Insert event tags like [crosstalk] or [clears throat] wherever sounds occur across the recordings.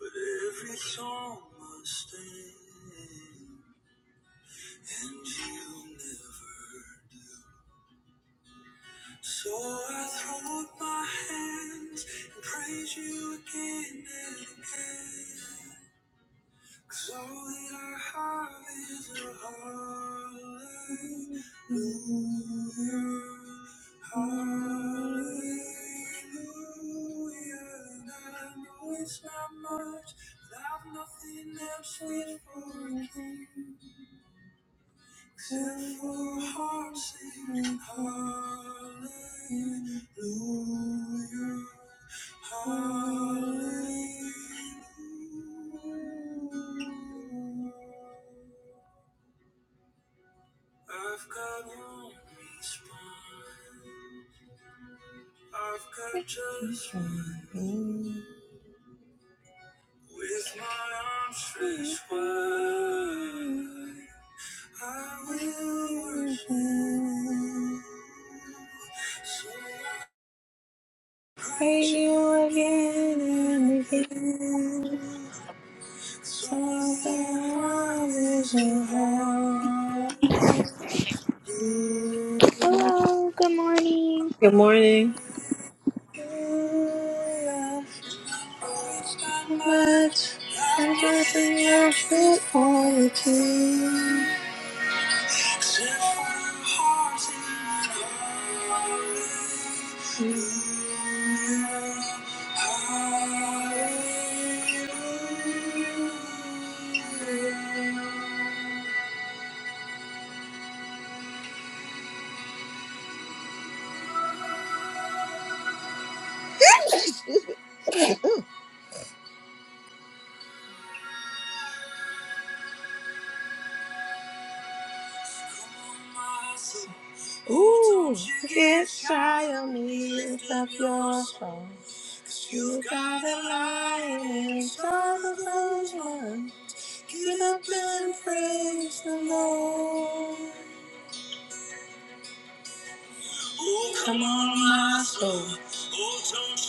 But every song must end, and you never do. So I throw up my hands and praise you again and again. 'Cause All that I have is a hallelujah, hallelujah. And I know it's not much, but I've nothing else fit for a king. Sing for heart, singing Hallelujah, Hallelujah. I've got one response. I've got just one move. With my arms stretched wide, I will worship. So praise you again and again. Something wonders you have. Hello, good morning. Good morning. Much, I'm just in your foot all the time. Ooh, get shy of me, lift up your soul. You got a lion inside of those lungs. Get up and praise the Lord. Oh, come on, my soul. Oh, don't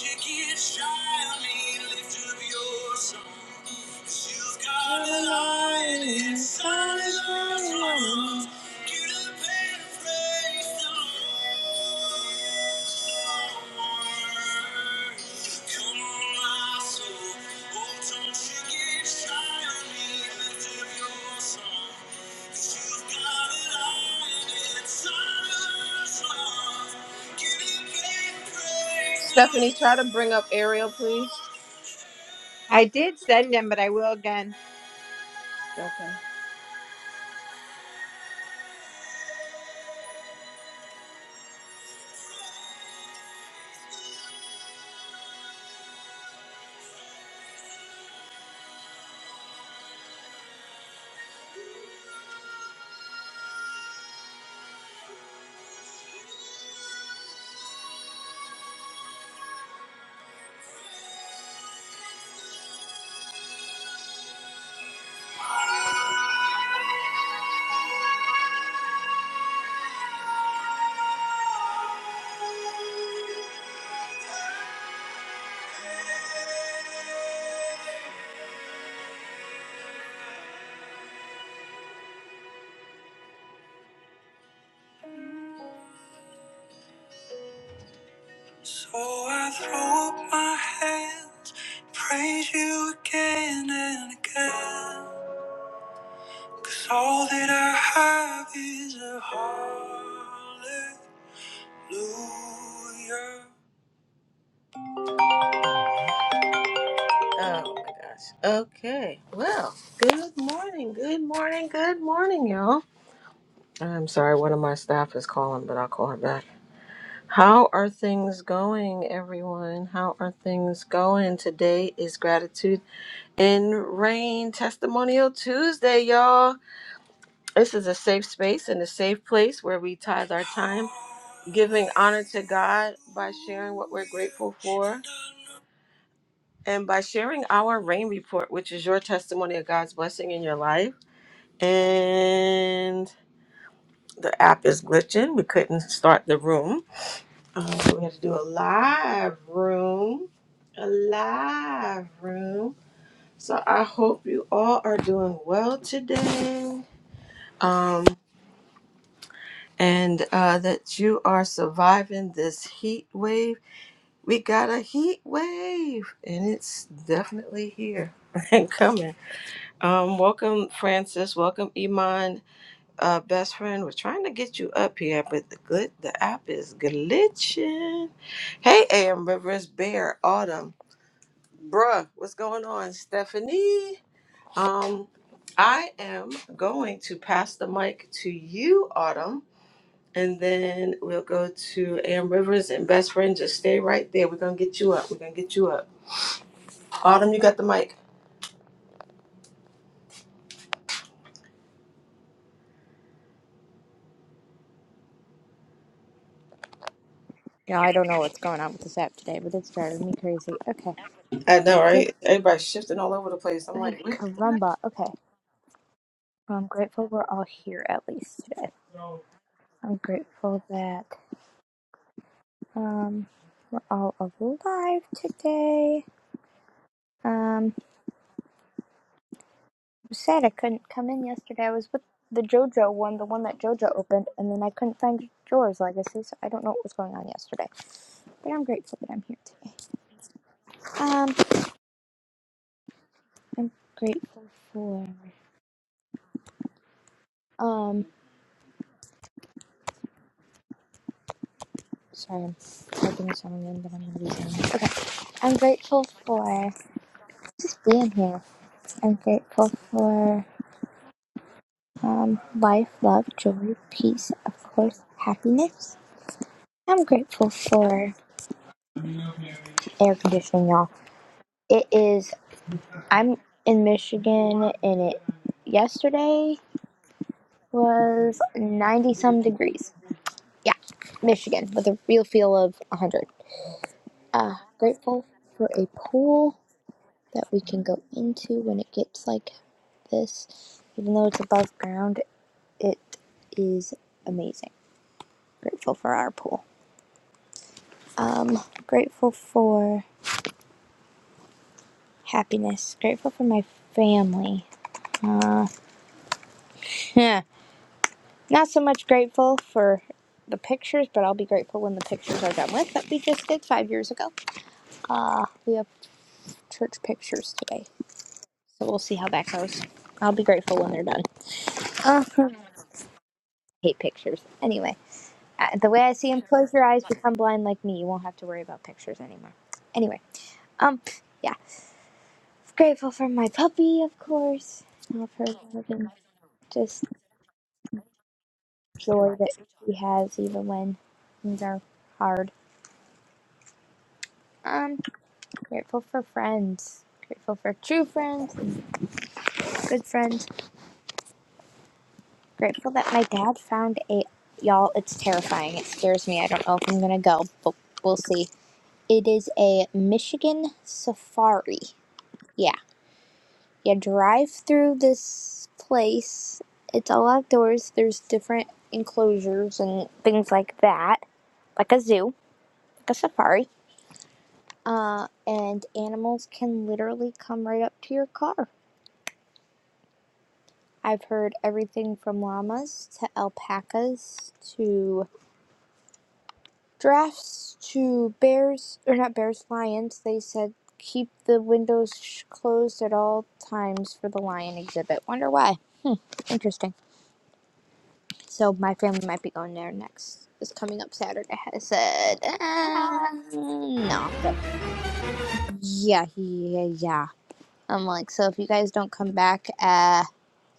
you get shy on me. Lift up your songbecause you you've got a lion inside your arms. Get up and praise the Lord. Come on, my soul. Oh, don't you get shy on me. Lift up your song. Stephanie, try to bring up Ariel, please. I did send him, but I will again. Okay. So I throw up my hands, praise you again and again. Cause all that I have is a hallelujah. Oh my gosh. Okay. Well, good morning. Good morning. Good morning, y'all. I'm sorry, one of my staff is calling, but I'll call her back. How are things going, everyone? How are things going? Today is Gratitude in Rain Testimonial Tuesday, y'all. This is a safe space and a safe place where we tithe our time giving honor to God by sharing what we're grateful for and by sharing our rain report, which is your testimony of God's blessing in your life. And the app is glitching. We couldn't start the room. Uh, so we had to do a live room. A live room. So I hope you all are doing well today. Um, and uh, that you are surviving this heat wave. We got a heat wave, and it's definitely here [laughs] and coming. Um, welcome, Francis. Welcome, Iman. Uh, best friend, we're trying to get you up here, but the good the app is glitching. Hey, AM Rivers, Bear, Autumn, bruh, what's going on, Stephanie? Um, I am going to pass the mic to you, Autumn, and then we'll go to AM Rivers and best friend. Just stay right there. We're gonna get you up. We're gonna get you up. Autumn, you got the mic. Yeah, I don't know what's going on with this app today, but it's driving me crazy. Okay, I know, well, good. right? Everybody's shifting all over the place. I'm Hey, like, what? caramba. Okay, well, I'm grateful we're all here at least today. I'm grateful that um we're all alive today. Um, I'm sad I couldn't come in yesterday. I was with the JoJo one, the one that JoJo opened, and then I couldn't find Jor's legacy, so I don't know what was going on yesterday. But I'm grateful that I'm here today. Um, I'm grateful for. Um, Sorry, I'm typing something that I'm gonna be doing. Okay, I'm grateful for just being here. I'm grateful for um, life, love, joy, peace, of course, happiness. I'm grateful for air conditioning, y'all. It is. I'm in Michigan, and it yesterday was ninety some degrees. Yeah, Michigan with a real feel of one hundred. Uh, grateful for a pool that we can go into when it gets like this. Even though it's above ground, it is amazing. Grateful for our pool. Um, grateful for happiness. Grateful for my family. Uh, [laughs] yeah. not so much grateful for the pictures, but I'll be grateful when the pictures are done with that we just did five years ago. Uh, we have church pictures today, so we'll see how that goes. I'll be grateful when they're done. Uh, I hate pictures. Anyway, I- the way I see him, close your eyes, become blind like me. You won't have to worry about pictures anymore. Anyway, um, yeah, grateful for my puppy, of course, and for loving just joy that he has even when things are hard. Um, grateful for friends, grateful for true friends and good friends. Grateful that my dad found a y'all. It's terrifying. It scares me. I don't know if I'm gonna go, but we'll see. It is a Michigan safari. Yeah. you drive through this place. It's all outdoors. There's different enclosures and things like that, like a zoo, like a safari. And animals can literally come right up to your car. I've heard everything from llamas to alpacas to giraffes to bears, or not bears, lions. They said keep the windows closed at all times for the lion exhibit. Wonder why. Interesting. So my family might be going there next. It's coming up Saturday. I said, uh, no, I'm good. Yeah, he, yeah, yeah. I'm like, so if you guys don't come back, uh,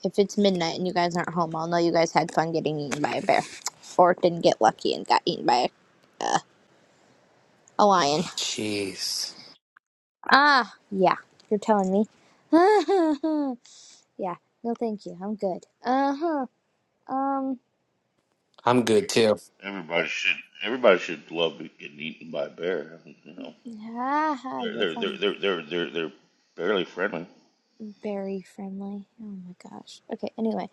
if it's midnight and you guys aren't home, I'll know you guys had fun getting eaten by a bear, or didn't get lucky and got eaten by a, uh, a lion. Ah, yeah. You're telling me. [laughs] yeah. No, thank you. I'm good. Uh huh. Um. I'm good too. Everybody should everybody should love getting eaten by a bear. You know, Ah, you're they're they're they're funny. they're they're they're, they're barely friendly. very friendly. Oh my gosh. Okay, anyway.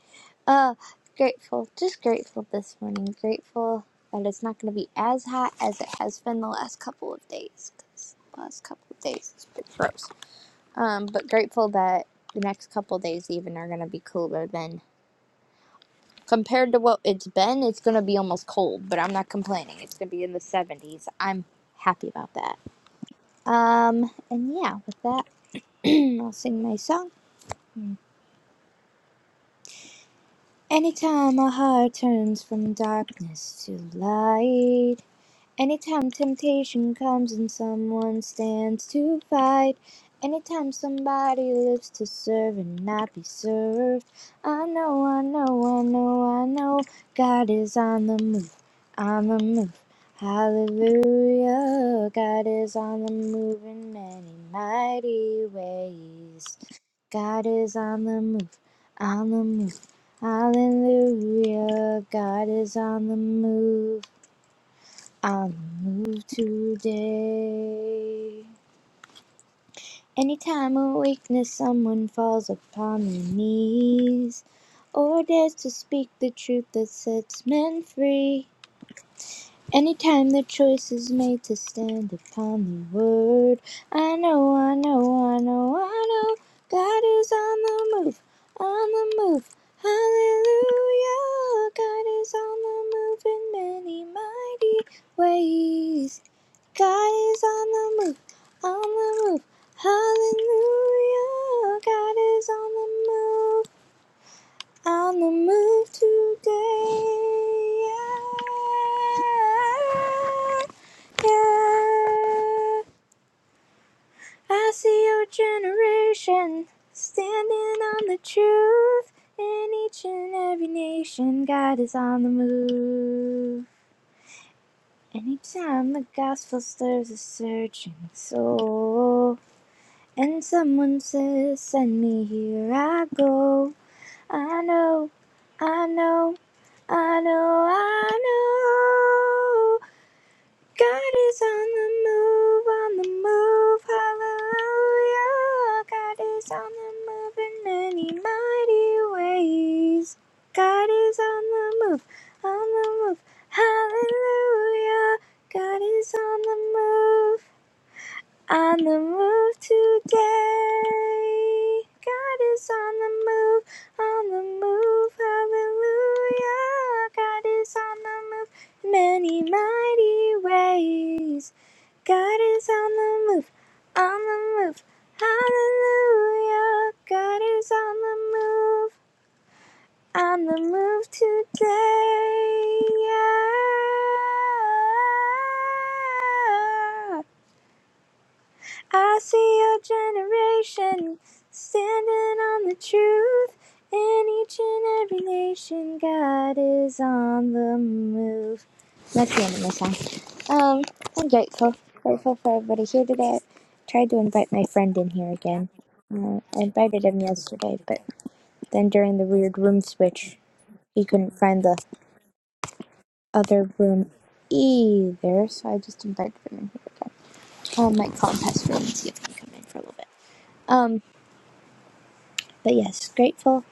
Uh grateful, just grateful this morning. Grateful that it's not going to be as hot as it has been the last couple of days cuz the last couple of days it's been gross. Um but grateful that the next couple of days even are going to be cooler than compared to what it's been. It's going to be almost cold, but I'm not complaining. It's going to be in the 70s. I'm happy about that. Um and yeah, with that, [clears throat] I'll sing my song Anytime my heart turns from darkness to light, Anytime temptation comes and someone stands to fight, anytime somebody lives to serve and not be served, I know, I know, I know, I know, God is on the move, on the move. Hallelujah, God is on the move in many mighty ways. God is on the move, on the move. Hallelujah, God is on the move. I'll move today. Anytime a weakness, someone falls upon their knees or dares to speak the truth that sets men free. Anytime the choice is made to stand upon the word, I know, I know, I know, I know, God is on the move, on the move. Hallelujah, God is on the move in many mighty ways. God is on the move, on the move. Hallelujah, God is on the move. On the move today. Yeah, yeah. I see your generation standing on the truth. In each and every nation, God is on the move. Anytime the gospel stirs a searching soul. And someone says, Send me here, I go. I know, I know, I know, I know. God is on the move, on the move, hallelujah. God is on the move in many mighty ways. God is on the move, on the move, hallelujah. God is on the move. On the move today. God is on the move, on the move, hallelujah. God is on the move in many mighty ways. God is on the move, on the move, hallelujah. God is on the move, on the move today. Yeah. I see a generation standing on the truth. In each and every nation, God is on the move. That's the end of my song. Um, I'm grateful. Grateful for everybody here today. I tried to invite my friend in here again. Uh, I invited him yesterday, but then during the weird room switch, he couldn't find the other room either, so I just invited him in here again. Um, might call him Pastor and see if he can come in for a little bit. Um, but yes, grateful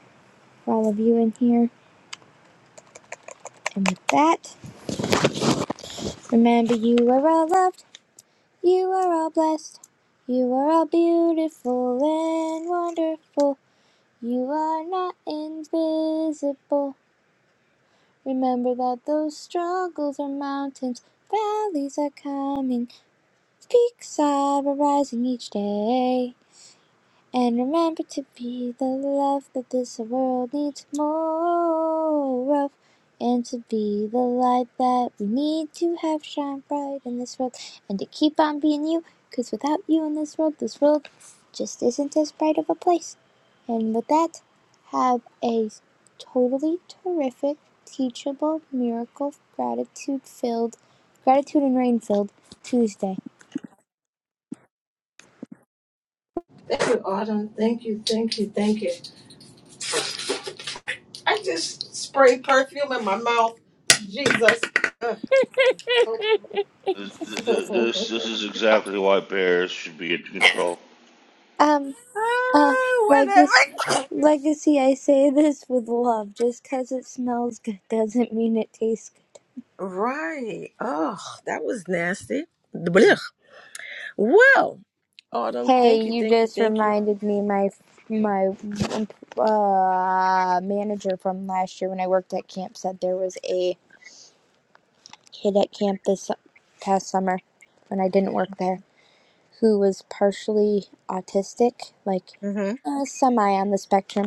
for all of you in here. And with that, remember you are all loved, you are all blessed, you are all beautiful and wonderful. You are not invisible. Remember that those struggles are mountains, valleys are coming, peaks are arising each day. And remember to be the love that this world needs more of. And to be the light that we need to have shine bright in this world. And to keep on being you, 'cause without you in this world, this world just isn't as bright of a place. And with that, have a totally terrific, teachable, miracle, gratitude filled, gratitude and rain filled Tuesday. Thank you, thank you. I just sprayed perfume in my mouth. Jesus. Ugh. This, Oh, this this is exactly why bears should be in control. Um, Uh, whatever. legacy, legacy. I say this with love. Just 'cause it smells good doesn't mean it tastes good. Right. Oh, that was nasty. Blech. Well, Autumn, Hey, thank you, you thank you, just thank you. reminded me my my uh, manager from last year when I worked at camp said there was a kid at camp this su- past summer when I didn't work there who was partially autistic, like Uh-huh. uh, semi on the spectrum,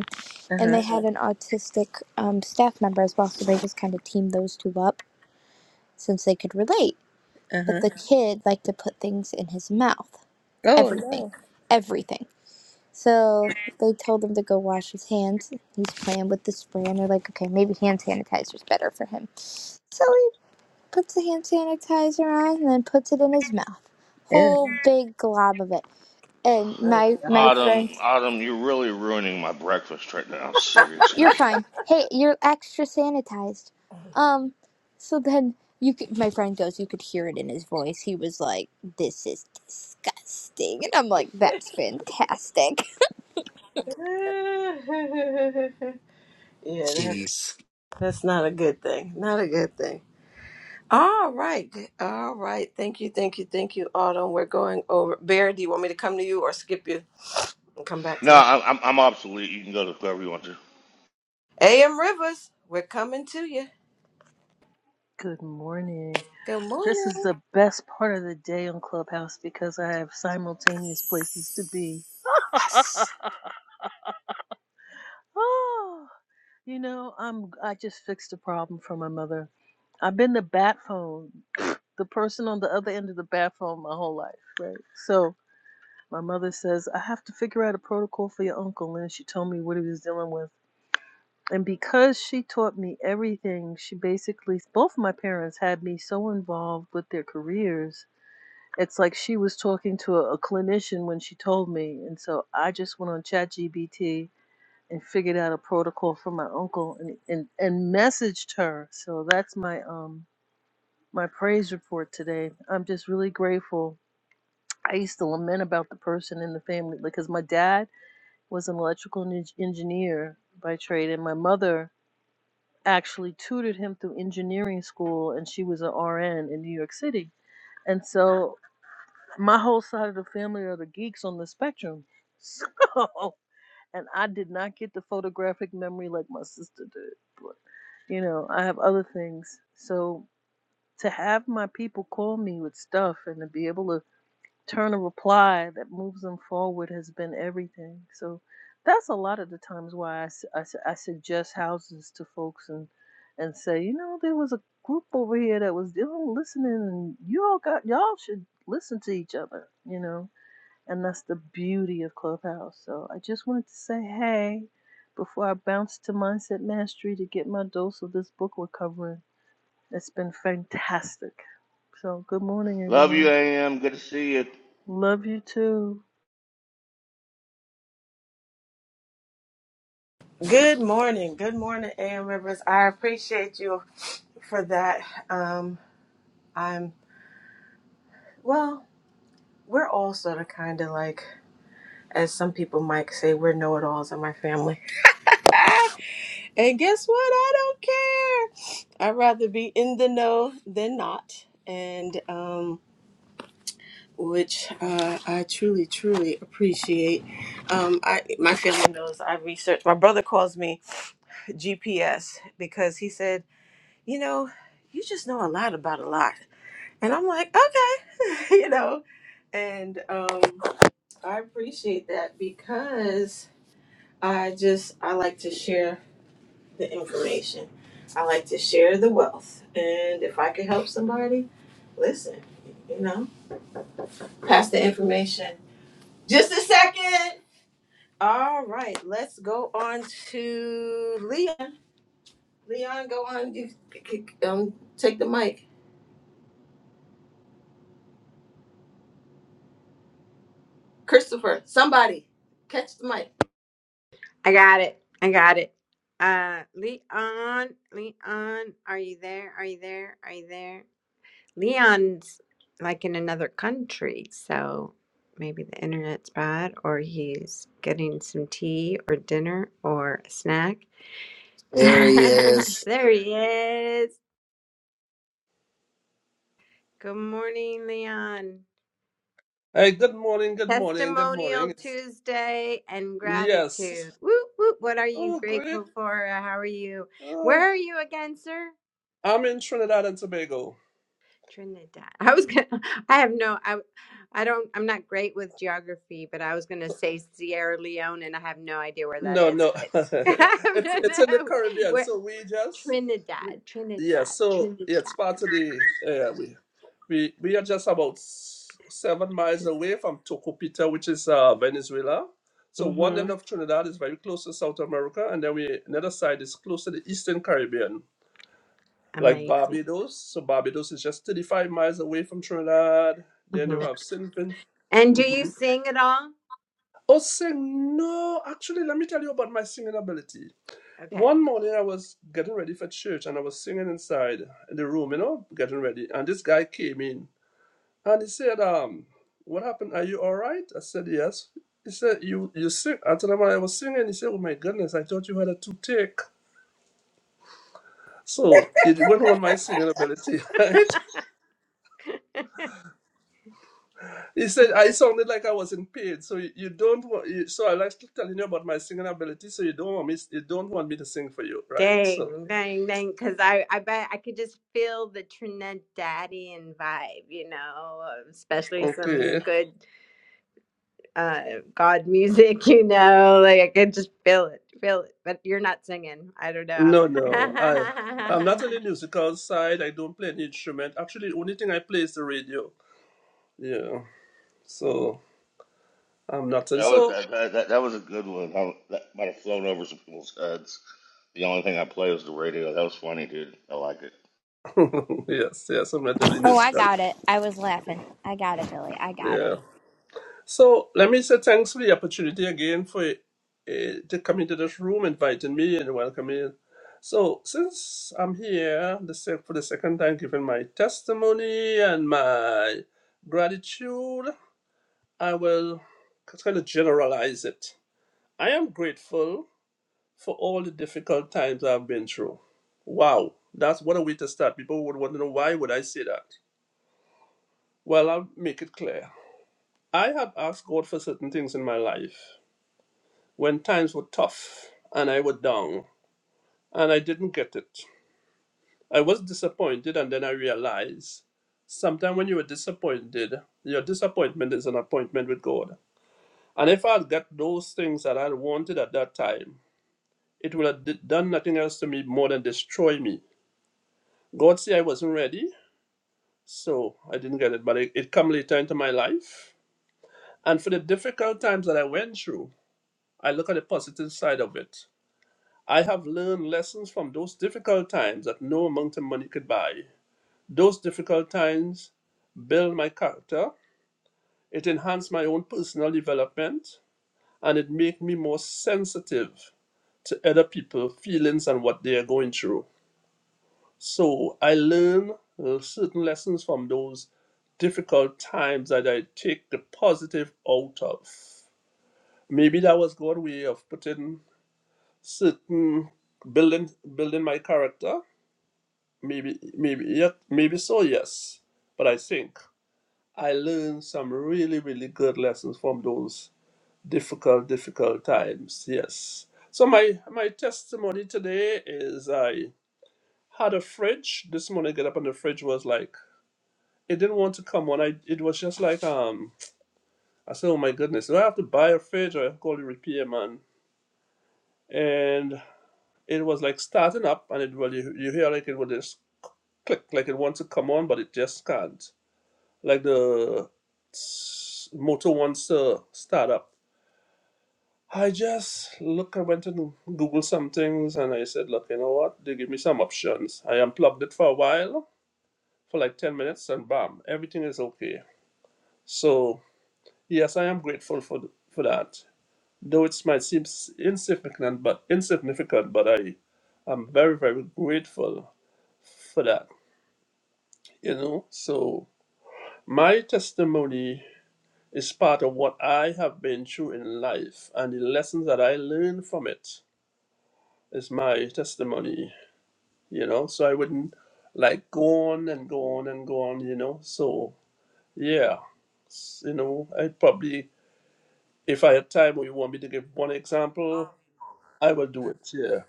and Uh-huh. they had an autistic um, staff member as well. So they just kind of teamed those two up since they could relate. But Uh-huh. the kid liked to put things in his mouth. Oh no. Everything. Everything. So they told him to go wash his hands. He's playing with the spray, and they're like, okay, maybe hand sanitizer's better for him. So he puts the hand sanitizer on and then puts it in his mouth. Yeah. Whole big glob of it. And my my Autumn, friend Autumn, you're really ruining my breakfast right now. Seriously. You're fine. Hey, you're extra sanitized. Um, so then you could, my friend goes, you could hear it in his voice. He was like, "This is disgusting," and I'm like, "That's fantastic." [laughs] [laughs] yeah, that, Jeez. that's not a good thing. Not a good thing. All right. All right. Thank you, thank you, thank you, Autumn. We're going over Bear, do you want me to come to you or skip you and come back to you? No, I'm I'm obsolete. You can go to whoever you want to. AM Rivers, we're coming to you. Good morning. Good This is morning. the best part of the day on Clubhouse because I have simultaneous places to be. [laughs] Yes. Oh, you know, I'm I just fixed a problem for my mother. I've been the bat phone, the person on the other end of the bat phone my whole life, right? So my mother says, I have to figure out a protocol for your uncle. And she told me what he was dealing with. And because she taught me everything, she basically, both of my parents had me so involved with their careers It's like she was talking to a, a clinician when she told me, and so I just went on ChatGPT and figured out a protocol for my uncle and and and messaged her. So that's my um my praise report today. I'm just really grateful. I used to lament about the person in the family because my dad was an electrical en- engineer by trade, and my mother actually tutored him through engineering school, and she was an RN in New York City. And so my whole side of the family are the geeks on the spectrum. [laughs] So, and I did not get the photographic memory like my sister did. But, you know, I have other things. So, to have my people call me with stuff and to be able to turn a reply that moves them forward has been everything. So, that's a lot of the times why I su- I su- I suggest houses to folks and, and say, you know, there was a group over here that was doing listening, and you all got, y'all should listen to each other, you know and that's the beauty of Clubhouse. So I just wanted to say hey before I bounce to Mindset Mastery to get my dose of this book we're covering. It's been fantastic. So good morning, Love you, everyone. AM. Good to see you. Love you too. Good morning. Good morning, AM Rivers. I appreciate you for that. Um, I'm, well, we're all sort of kind of like, as some people might say, we're know it alls in my family. And guess what? I don't care. I'd rather be in the know than not. And, um, which uh, I truly, truly appreciate. Um, I my family knows I research. My brother calls me GPS because he said, you know, you just know a lot about a lot. And I'm like, okay, [laughs] you know. And um, I appreciate that because I just, I like to share the information. I like to share the wealth. And if I can help somebody, listen, you know, pass the information. Just a second. All right, let's go on to Leon. Leon, go on. You c- c- um, take the mic. Christopher, somebody catch the mic. I got it. I got it. Uh, Leon, Leon, are you there? Are you there? Are you there? Leon's like in another country, so maybe the internet's bad, or he's getting some tea or dinner or a snack. [laughs] there he is. Good morning, Leon. Hey, good morning, good morning, good morning. Testimonial It's, Tuesday and yes. gratitude. Whoop, whoop. What are you Oh, great. grateful for? Uh, How are you? Where Oh, are you again, sir? I'm in Trinidad and Tobago. Trinidad. [laughs] I was gonna, [laughs] I have no, I, I don't, I'm not great with geography, but I was gonna say Sierra Leone and I have no idea where that No, is, no, but [laughs] [laughs] I don't it's it's in the know. Caribbean. Where, So we just, we, Trinidad, yeah. Trinidad, So Trinidad. yeah, it's part of the. Yeah, we, we we are just about s- seven miles away from Tocopita, which is uh, Venezuela. So one Mm-hmm. end of Trinidad is very close to South America, and then we another side is close to the Eastern Caribbean. like Amazing. Barbados. So Barbados is just 35 miles away from Trinidad. Then hmm you have St. Vincent. And do you Mhm. sing at all? Oh, sing. No, actually, let me tell you about my singing ability. Okay. One morning, I was getting ready for church and I was singing inside in the room, you know, getting ready. And this guy came in and he said, um, What happened? Are you all right? I said, Yes. He said, You you sing. I told him I was singing. He said, Oh my goodness, I thought you had a toothache. So it went on my singing ability. [laughs] He said I sounded like I wasn't paid, so you, you don't want. You, so I like telling you about my singing ability, so you don't want me. You don't want me to sing for you, right? So Dang, dang, dang. Because I, I bet I could just feel the Trinidadian vibe, you know, um, especially some okay, good uh, God [laughs] music, you know, like I could just feel it, feel it. But you're not singing. I don't know. no, no, I I'm not on [laughs] the musical side. I don't play any instrument. Actually, the only thing I play is the radio. Yeah, so I'm not. And That was so that that, that, was a good one. I, that might have flown over some people's heads. The only thing I play was the radio. That was funny, dude. I like it. [laughs] yes, yes, I'm not really Oh, I musical. got it. I was laughing. I got it, Billy. I got it. Yeah. So let me say thanks for the opportunity again for uh, to come into this room, inviting me and welcoming. me. So since I'm here the sec- for the second time, giving my testimony and my gratitude, I will kind of generalize it. I am grateful for all the difficult times I've been through. Wow, that's what a way to start. People would want to know why would I say that. Well, I'll make it clear. I have asked God for certain things in my life when times were tough and I was down and I didn't get it. I was disappointed and then I realized sometimes when you are disappointed, your disappointment is an appointment with God. And if I had got those things that I wanted at that time, it would have d- done nothing else to me more than destroy me. God said I wasn't ready, so I didn't get it, but it, it come later into my life. And for the difficult times that I went through, I look at the positive side of it. I have learned lessons from those difficult times that no amount of money could buy. Those difficult times build my character, it enhanced my own personal development, and it made me more sensitive to other people's feelings and what they are going through. So I learn uh, certain lessons from those difficult times that I take the positive out of. Maybe that was God's way of putting certain building building my character maybe maybe yeah maybe so yes but i think i learned some really really good lessons from those difficult difficult times yes so my my testimony today is i had a fridge this morning get up and the fridge was like it didn't want to come on i it was just like um i said oh my goodness do i have to buy a fridge or I call the repairman and it was like starting up and it well you, you hear like it would just click like it wants to come on but it just can't like the motor wants to start up. I just look, I went and Google some things and I said, look, you know what? They give me some options. I unplugged it for a while, for like 10 minutes, and bam, everything is okay. So, yes, I am grateful for, th- for that. Though it might seem s- insignificant, but insignificant, but I am very, very grateful for that. You know, so my testimony Is part of what I have been through in life, and the lessons that I learned from it is my testimony, you know. So I wouldn't like go on and go on and go on, you know. So yeah, S- you know, I probably, if I had time, or you want me to give one example, I will do it. Yeah.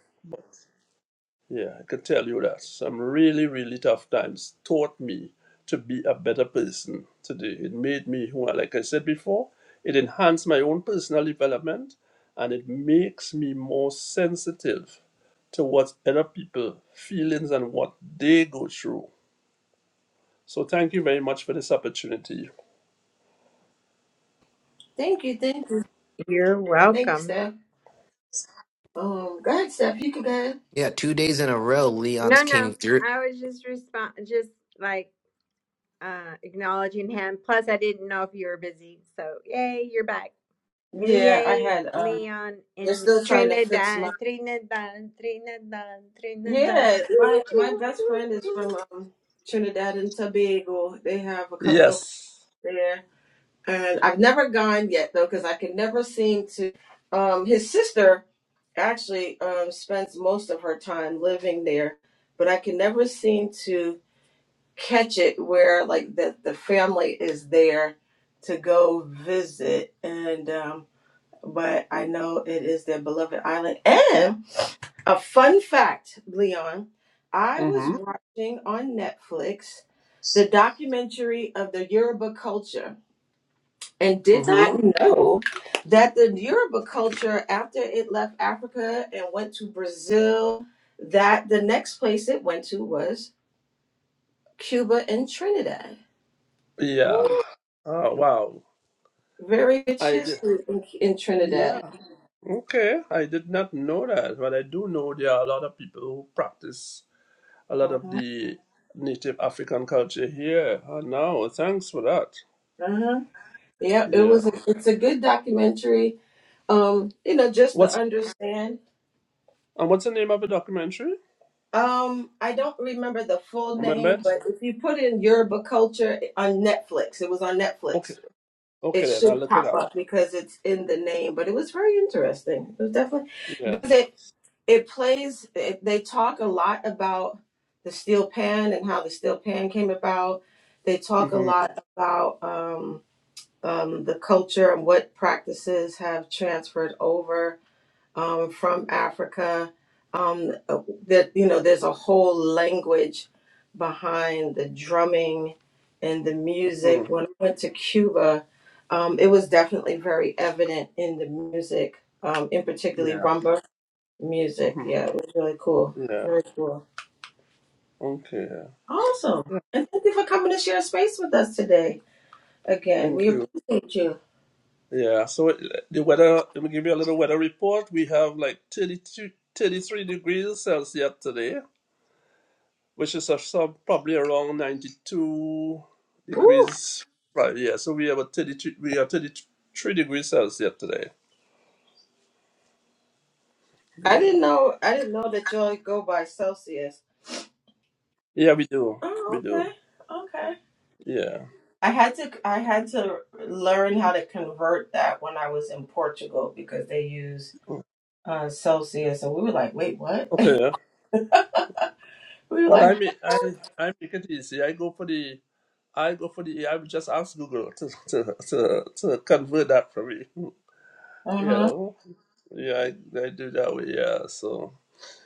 Yeah, I can tell you that some really, really tough times taught me to be a better person today. It made me who, I- like I said before, it enhanced my own personal development and it makes me more sensitive to what other people feelings and what they go through. So thank you very much for this opportunity. Thank you, thank you. You're Thanks, welcome. Steph. Um, go ahead, Steph. You can go ahead. Yeah, two days in a row, Leon's No, came no. through. I was just respond, just like uh, acknowledging him. Plus, I didn't know if you were busy. So, yay, you're back. Yeah, I Yay, had um Leon They're in still trying to fix Trinidad, my. Trinidad, Trinidad, Trinidad. yeah, my my best friend is from um Trinidad and Tobago. They have a couple of Yes. there. And I've never gone yet though cuz I can never seem to um his sister actually um spends most of her time living there, but I can never seem to catch it where like that the family is there to go visit and um but I know it is their beloved island. And a fun fact, Leon, I was Mm-hmm. watching on Netflix the documentary of the Yoruba culture and did not Mm-hmm. know that the Yoruba culture, after it left Africa and went to Brazil, that the next place it went to was Cuba and Trinidad. Yeah. Oh wow. very rich I did. history in, in Yeah. Trinidad. Okay, I did not know that, but I do know there are a lot of people who practice a lot of Uh-huh. the native African culture here. Oh, no, thanks for that. Uh-huh. Yeah, it Yeah. was. A, it's a good documentary. Um, you know, just to What's understand. and what's the name of the documentary? Um, I don't remember the full Remember name, it? but if you put in Yoruba culture on Netflix, it was on Okay. Netflix. Okay, It then I'll should look it pop up. up because it's in the name. But it was very interesting. It was definitely Yes. because it it plays. It, they talk a lot about the steel pan and how the steel pan came about. They talk a Mm-hmm. lot about. Um, um, the culture and what practices have transferred over um, from Africa. Um, uh, that you know, there's a whole language behind the drumming and the music. mm-hmm. When I went to Cuba, um, it was definitely very evident in the music, um, in particularly Yeah. rumba music. Mm-hmm. Yeah, it was really cool. Yeah. Very cool. Okay. Awesome. Yeah. And thank you for coming to share space with us today. Again, Thank we you. appreciate you. Yeah. So uh, the weather. Let me give you a little weather report. We have like 32, 33 degrees Celsius today. which is a, sub probably around 92 degrees. Right, yeah. So we have a 33, we are 33 degrees Celsius today. I Yeah. didn't know. I didn't know that y'all go by Celsius. Yeah, we do. Oh, We okay, do. okay. Yeah. I had to. I had to learn how to convert that when I was in Portugal because they use Mm. uh, Celsius, and we were like, "Wait, what?" [laughs] Okay. yeah. we were Well, like, I mean, I, I make it easy. I go for the, I go for the, I will just ask Google to, to, to, to convert that for me. [laughs] "Uh You huh." know? Yeah, I, I do that way. Yeah. So,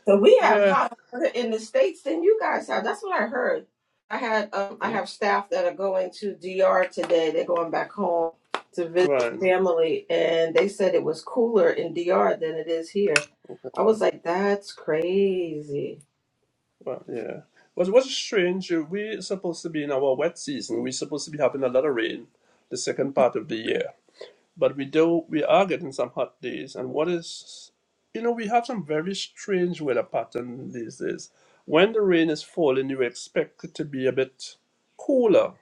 So we have yeah. hot weather in the states than you guys have. That's what I heard. I had um, I Yeah. have staff that are going to DR today. They're going back home to visit Right. family, and they said it was cooler in DR than it is here. I was like, that's crazy. Well, yeah. What was strange, uh, we supposed to be in our wet season. We're supposed to be having a lot of rain the second part of the year. But we do we are getting some hot days and what is you know, we have some very strange weather pattern these days. When the rain is falling you expect it to be a bit cooler.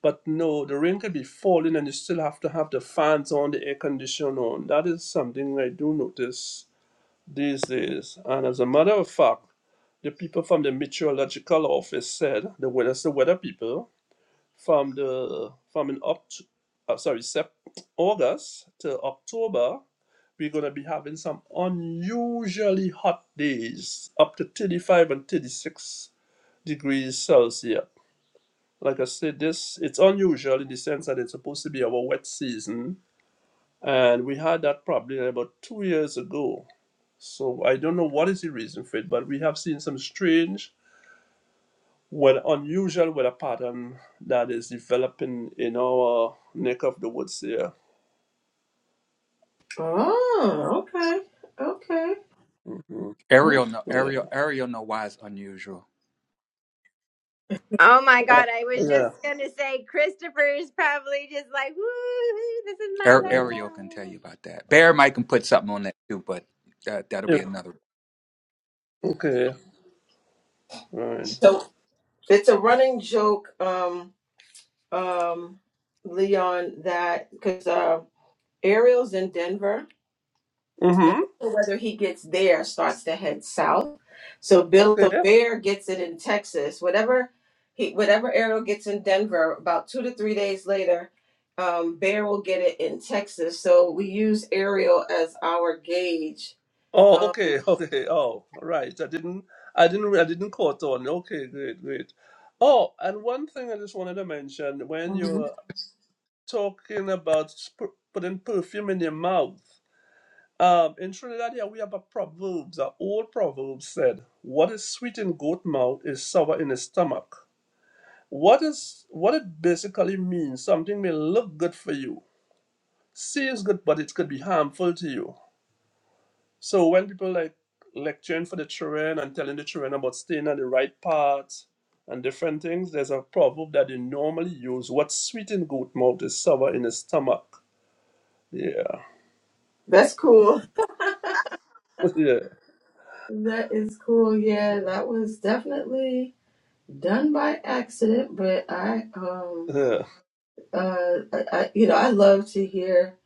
But no, the rain can be falling and you still have to have the fans on, the air conditioner on. That is something I do notice these days. And as a matter of fact, the people from the meteorological office said the weather, the weather people from the from in up, uh, sorry, Sep- August to October, we're gonna be having some unusually hot days, up to 35 and 36 degrees Celsius. Like I said, this it's unusual in the sense that it's supposed to be our wet season, and we had that probably about two years ago so I don't know what is the reason for it, but we have seen some strange, well, unusual weather pattern that is developing in our neck of the woods here. Oh, okay, okay. hmm Oh. Ariel, no, Yeah. Ariel, Ariel, know why it's unusual. Oh my Uh, God, I was yeah. just going to say Christopher is probably just like, woo, this is my Ar- Yeah. lingo. Ariel can tell you about that. Bear might can put something on that too, but that that'll Yeah. be another. Okay. Right. So it's a running joke, um, um, Leon, that because uh, Ariel's in Denver and Mm-hmm. the cold weather he gets there starts to head south. So Bill Okay. the Bear gets it in Texas. Whatever he, whatever Ariel gets in Denver, about two to three days later, um, Bear will get it in Texas. So we use Ariel as our gauge. Oh, Um, okay. [laughs] Okay. Oh, right. I didn't. I didn't. I didn't caught on. Okay. Great. Great. Oh, and one thing I just wanted to mention when Mhm. you're talking about sp- putting perfume in your mouth. Um, in Trinidad, yeah, we have a proverb. The old proverb said, "What is sweet in goat mouth is sour in his stomach." What is what it basically means? Something may look good for you, seems good, but it could be harmful to you. So when people like lecturing for the children and telling the children about staying on the right path and different things, there's a proverb that they normally use: "What's sweet in goat mouth is sour in his stomach." Yeah, That's cool. [laughs] yeah, That is cool. Yeah, that was definitely done by accident, but I, um, yeah, uh, I, I, you know, I love to hear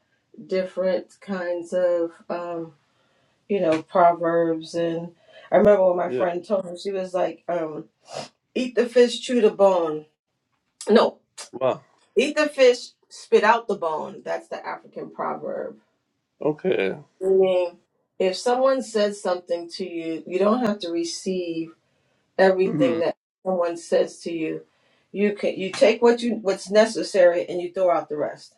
different kinds of um you know, proverbs. And I remember when my yeah. friend told me, she was like, um, eat the fish, chew the bone. No, Wow. eat the fish, spit out the bone. That's the African proverb. Okay. Meaning, if someone says something to you, you don't have to receive Mhm. everything that someone says to you. You can you take what you what's necessary and you throw out the rest.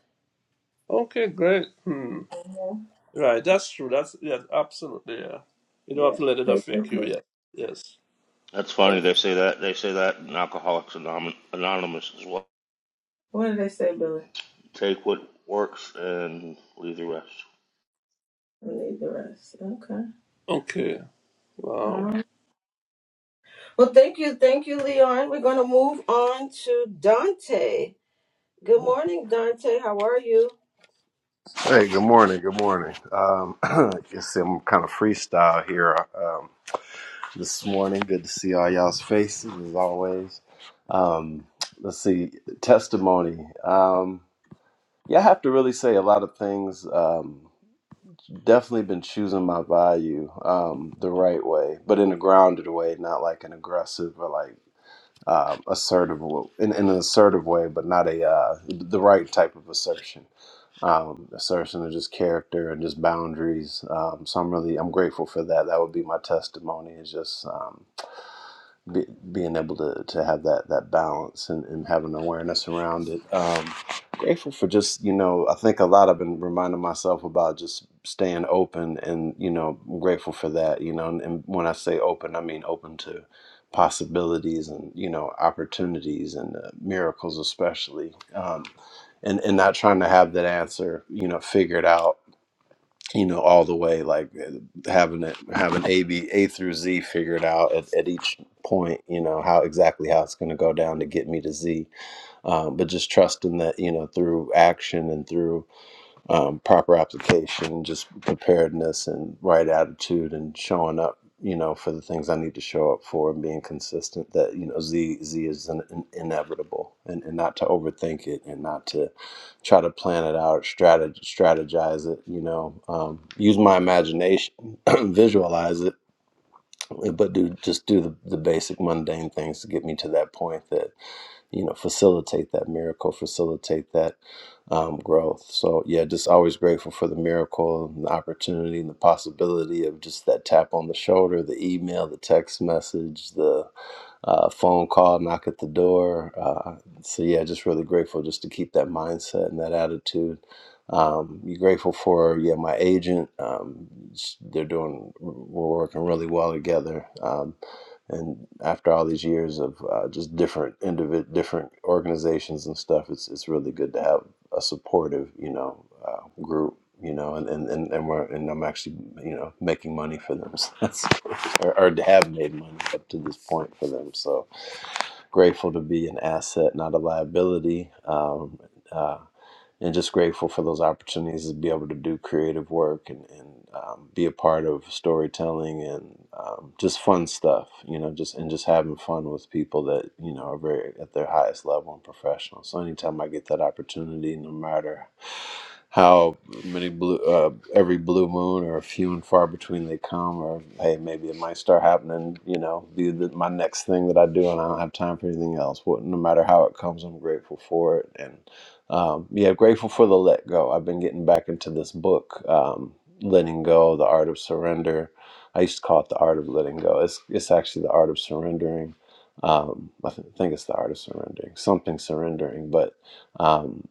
Okay, great. Hmm. Mhm. Right, that's true. That's yes, absolutely. Yeah. You don't have Yeah. to let it affect you. Yeah. Yes. That's funny. They say that they say that in Alcoholics Anom- Anonymous as well. What did they say, Billy? Take what works and leave the rest. I need the rest. Okay. Okay. All right. Wow. Well, thank you. Thank you, Leon. We're going to move on to Dante. Good morning, Dante. How are you? Hey, good morning. Good morning. Um, [clears throat] you see, I'm kind of freestyle here um, this morning. Good to see all y'all's faces as always. Um, let's see, testimony. Um, yeah, I have to really say a lot of things. Um, definitely been choosing my value um, the right way, but in a grounded way, not like an aggressive or like um, assertive, in, in an assertive way, but not a uh, the right type of assertion um, assertion of just character and just boundaries. Um, so I'm really I'm grateful for that. That would be my testimony. Is just um, be, being able to, to have that that balance and, and have an awareness around it. Um, grateful for just you know I think a lot I've been reminding myself about just staying open and you know I'm grateful for that you know and, and when I say open I mean open to possibilities and you know opportunities and uh, miracles especially um, and and not trying to have that answer you know figured out you know all the way like uh, having it having a b a through z figured out at, at each point you know how exactly how it's going to go down to get me to z um, but just trusting that you know through action and through um, proper application, just preparedness and right attitude and showing up, you know, for the things I need to show up for and being consistent that, you know, Z, Z is in, in- inevitable and, and not to overthink it and not to try to plan it out, strategize, strategize it, you know, um, use my imagination, [clears throat] visualize it, but do just do the, the basic mundane things to get me to that point that you know facilitate that miracle facilitate that um, growth so yeah just always grateful for the miracle and the opportunity and the possibility of just that tap on the shoulder the email the text message the uh, phone call, knock at the door. Uh, so yeah, just really grateful just to keep that mindset and that attitude. Um, you grateful for yeah my agent. Um, s- they're doing we're working really well together. Um, and after all these years of uh, just different individ different organizations and stuff, it's it's really good to have a supportive you know uh, group. You know, and, and, and, and we're and I'm actually you know making money for them. [laughs] So that's or, or have made money up to this point for them. So grateful to be an asset, not a liability. Um, uh, and just grateful for those opportunities to be able to do creative work and, and um, be a part of storytelling and um, just fun stuff, you know, just and just having fun with people that, you know, are very at their highest level and professional. So anytime I get that opportunity, no matter how many blue, uh, every blue moon or few and far between they come, or hey, maybe it might start happening, you know, be the, my next thing that I do and I don't have time for anything else. What, no matter how it comes, I'm grateful for it. and. Um, yeah, grateful for the let go. I've been getting back into this book, um, Letting Go, The Art of Surrender. I used to call it The Art of Letting Go. It's, it's actually The Art of Surrendering. Um, I th- think it's The Art of Surrendering, something surrendering, but um,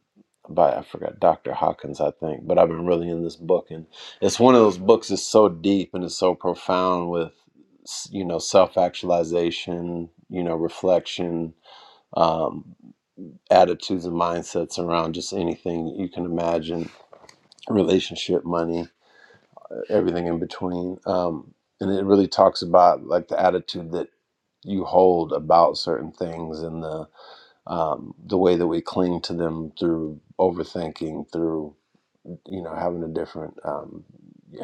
by, I forgot, Dr. Hawkins, I think. But I've been really in this book, and it's one of those books that's so deep and it's so profound with, s- you know, self actualization, you know, reflection. um, attitudes and mindsets around just anything you can imagine relationship money everything in between um, and it really talks about like the attitude that you hold about certain things and the um, the way that we cling to them through overthinking through you know having a different um,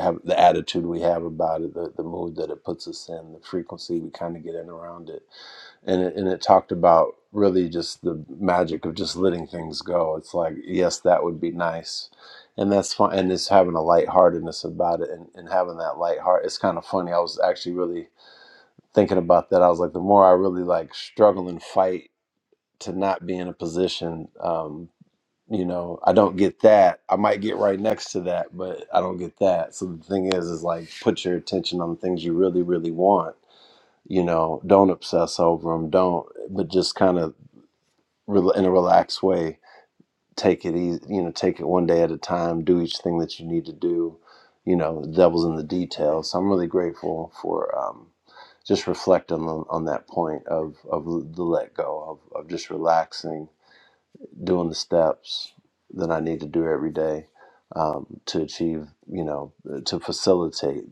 have the attitude we have about it the, the mood that it puts us in the frequency we kind of get in around it and it, and it talked about really just the magic of just letting things go. It's like, yes, that would be nice, and that's fine. And it's having a lightheartedness about it, and, and having that light heart. It's kind of funny. I was actually really thinking about that. I was like, the more I really like struggle and fight to not be in a position, um, you know, I don't get that. I might get right next to that, but I don't get that. So the thing is, is like put your attention on the things you really, really want you know don't obsess over them don't but just kind of rel- in a relaxed way. Take it easy, you know, take it one day at a time, do each thing that you need to do. You know, the devil's in the details. So I'm really grateful for um, just reflecting on, on that point of, of the let go, of, of just relaxing doing the steps that I need to do every day um, to achieve, you know, to facilitate,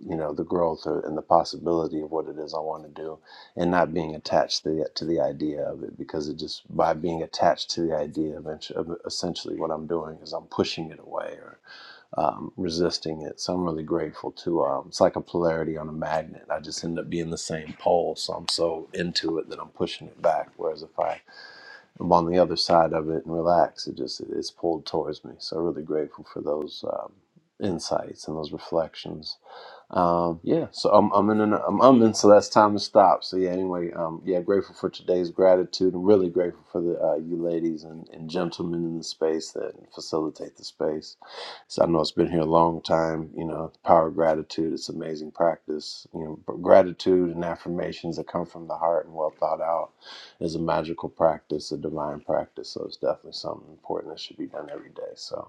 you know, the growth or, and the possibility of what it is I want to do, and not being attached to the to the idea of it because it just by being attached to the idea of, ent- of essentially what I'm doing is I'm pushing it away or um, resisting it. So I'm really grateful to. Um, it's like a polarity on a magnet. I just end up being the same pole, so I'm so into it that I'm pushing it back. Whereas if I I'm on the other side of it and relax. It just it's pulled towards me. So really grateful for those um, insights and those reflections. Um, yeah, so I'm I'm in an, I'm, I'm in so that's time to stop. So yeah, anyway, um, yeah, grateful for today's gratitude and really grateful for the uh, you ladies and, and gentlemen in the space that facilitate the space. So I know it's been here a long time. You know, the power of gratitude. It's amazing practice. You know, but gratitude and affirmations that come from the heart and well thought out is a magical practice, a divine practice. So it's definitely something important that should be done every day. So.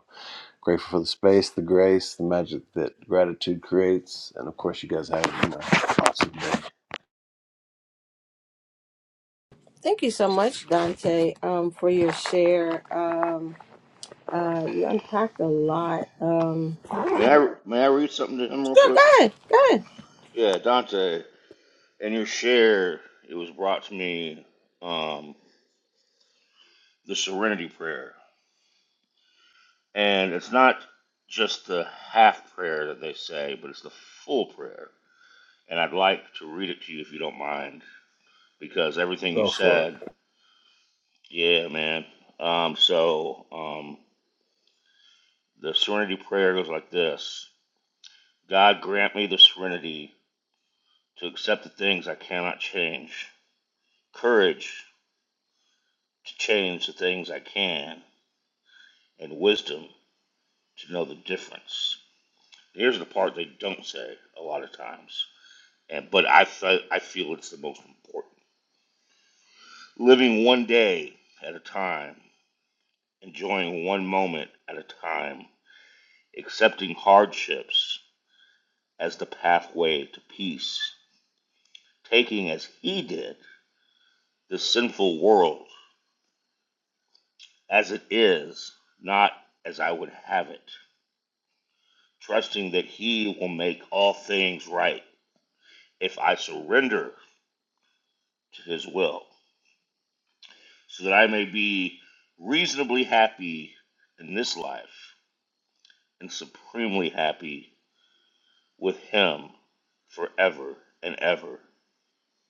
Grateful for the space, the grace, the magic that gratitude creates. And of course, you guys have you know, awesome day. Thank you so much, Dante, um, for your share. Um, uh, you unpacked a lot. Um, sure, May I may I read something to him real go quick? ahead. Go ahead. Yeah, Dante. In your share, it was brought to me um, the Serenity Prayer, and it's not just the half prayer that they say, but it's the full prayer. And I'd like to read it to you if you don't mind, because everything you Go for it. said, yeah, man. Um, so um, The serenity prayer goes like this God grant me the serenity to accept the things I cannot change, courage to change the things I can, and wisdom to know the difference. Here's the part they don't say a lot of times, and but I, fe- I feel it's the most important. Living one day at a time, enjoying one moment at a time, accepting hardships as the pathway to peace, taking as he did the sinful world as it is, not as I would have it, trusting that He will make all things right if I surrender to His will, so that I may be reasonably happy in this life and supremely happy with Him forever and ever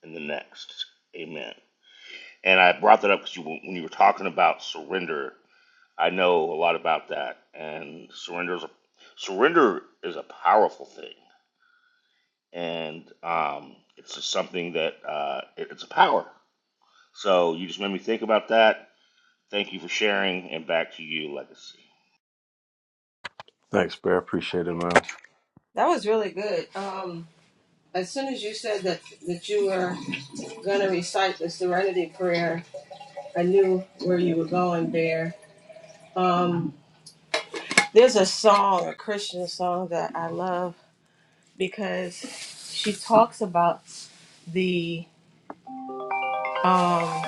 in the next. Amen. And I brought that up because you, when you were talking about surrender I know a lot about that, and surrender is a, surrender is a powerful thing, and um, it's just something that uh, it, it's a power. So you just made me think about that. Thank you for sharing, and back to you, Legacy. Thanks, Bear. Appreciate it, man. That was really good. Um, as soon as you said that, that you were going to recite the Serenity Prayer, I knew where you were going there. Um, there's a song, a Christian song that I love because she talks about the um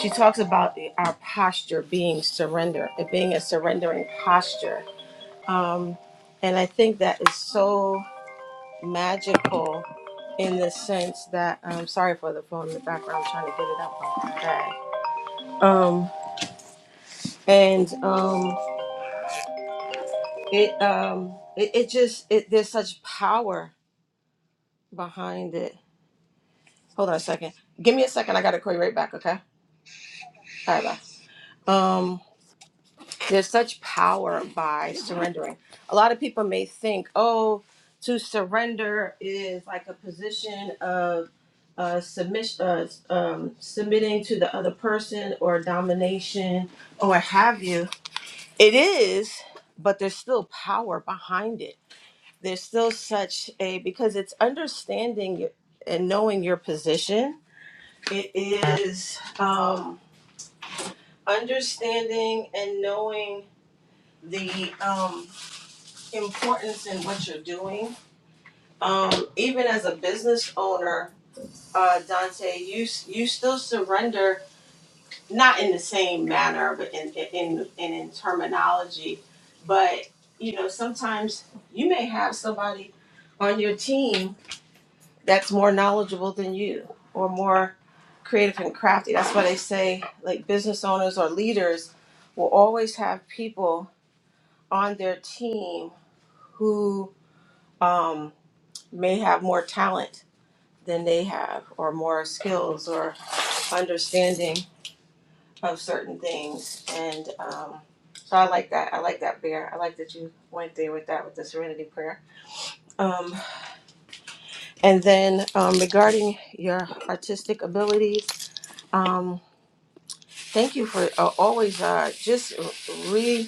she talks about the, our posture being surrender it being a surrendering posture um and i think that is so magical in the sense that um sorry for the phone in the background I'm trying to get it out of my bag um and um it um it, it just it there's such power behind it hold on a second give me a second i gotta call you right back okay all right bye um There's such power by surrendering. A lot of people may think, oh, to surrender is like a position of uh, submission, uh, um, submitting to the other person or domination or what have you. It is, but there's still power behind it. There's still such a, because it's understanding your- and knowing your position. It is um, understanding and knowing the um, importance in what you're doing. Um, even as a business owner, uh, Dante, you you still surrender not in the same manner, but in in in, in terminology. But you know, sometimes you may have somebody on your team that's more knowledgeable than you, or more creative and crafty. That's why they say like business owners or leaders will always have people on their team who. Um, may have more talent than they have, or more skills or understanding of certain things. And um, so I like that. I like that, Bear. I like that you went there with that, with the serenity prayer. Um, and then um, regarding your artistic abilities, um, thank you for uh, always uh, just re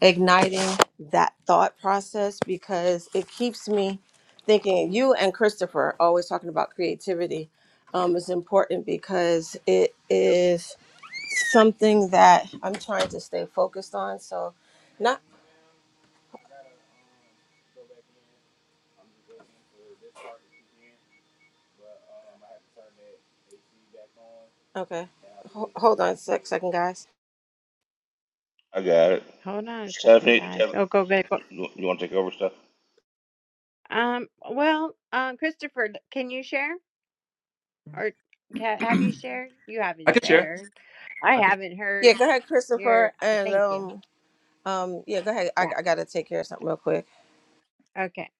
igniting that thought process because it keeps me thinking. You and Christopher always talking about creativity um, is important because it is something that I'm trying to stay focused on. So, not okay. Ho- hold on a sec, second, guys. I got it. Hold on a second, Stephanie, guys. Steph- Oh, go back. Go. you you want to take over, Steph? Um. Well, um, Christopher, can you share or ca have you shared? You I haven't could share. shared. I I could. haven't Yeah, heard go ahead, your. Christopher, uh, and Thank you. um, um, yeah, go ahead. I, Yeah. I gotta take care of something real quick. Okay.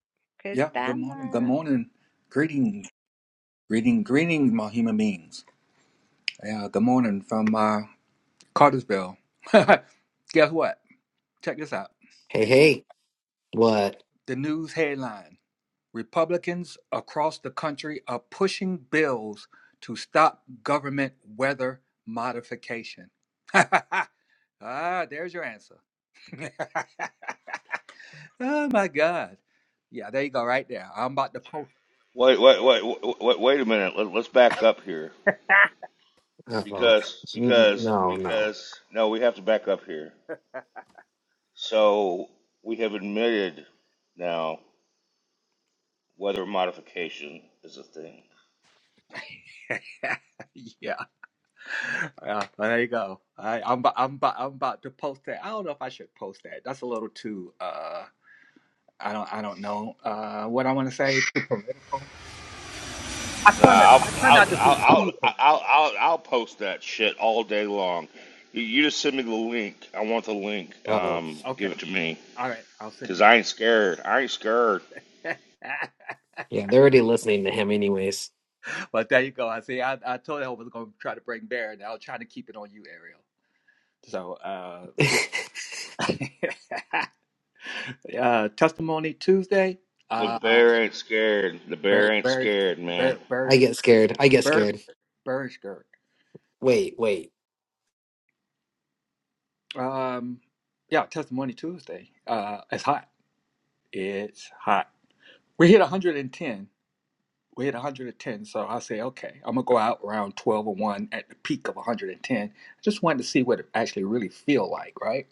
Yeah. Good morning. Good Christama. morning. Greeting, greeting, greeting, my human beings. Yeah. Good morning from uh, Cartersville. [laughs] Guess what? Check this out. Hey, hey. What? The news headline: Republicans across the country are pushing bills to stop government weather modification. [laughs] ah, there's your answer. [laughs] oh my God. Yeah, there you go, right there. I'm about to post. Wait, wait, wait, wait, wait wait a minute. Let, let's back up here Uh oh. because because No, no. because no, we have to back up here. So we have admitted now Weather modification is a thing. [laughs] yeah, yeah, well, there you go. I, I'm, about, I'm, about, I'm about to post that. I don't know if I should post that. That's a little too. Uh, I don't, I don't know. Uh, what I want to say. Too political. I Nah, try not, I'll I try not I'll to be I'll I'll too political. I'll, I'll, I'll post that shit all day long. You, you just send me the link. I want the link. Uh oh. Um, Okay, give it to me, all right. I'll send you. cause I ain't scared. I ain't scared. Yeah, they're already listening to him, anyways. [laughs] but there you go. I see. I, I told you I was going to try to bring Baron. I was trying to keep it on you, Ariel. So, uh, [laughs] yeah. I [laughs] Uh, Testimony Tuesday. The Uh, bear ain't scared. The Ber- bear ain't Bereshka, scared, man. Ber- Beresh- get scared. I get Beresh- scared. Bereshka. Wait, wait. Um, yeah, Testimony Tuesday. Uh, it's hot. It's hot. We hit 110. We hit 110. So I say, okay, I'm gonna go out around 12 or one at the peak of 110. I just wanted to see what it actually really feel like, right?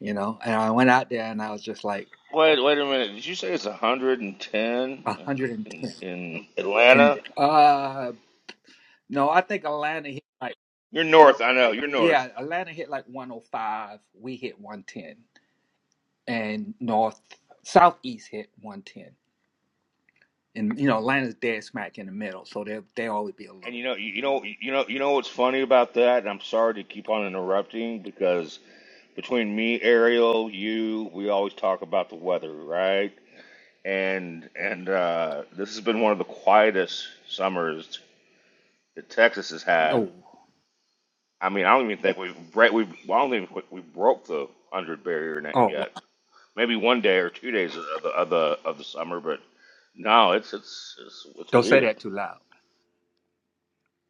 You know. And I went out there and I was just like Wait, wait a minute. Did you say it's 110 110. And in, ten. in And Atlanta? uh, no, I think Atlanta hit. like You're north. I know. You're north. Yeah, Atlanta hit like 105. We hit 110. And North, Southeast hit 110. And, you know, Atlanta's dead smack in the middle. So they they always be a And little. you know, you know, you know, you know what's funny about that. And I'm sorry to keep on interrupting because between me, Ariel, you, we always talk about the weather, right? And and uh, this has been one of the quietest summers that Texas has had. Oh, I mean, I don't even think we've bre- we well, I don't even think we broke the hundred barrier net oh, wow. yet. Maybe one day or two days of the of the of the summer, but no, it's it's it's, it's don't say weird. that too loud.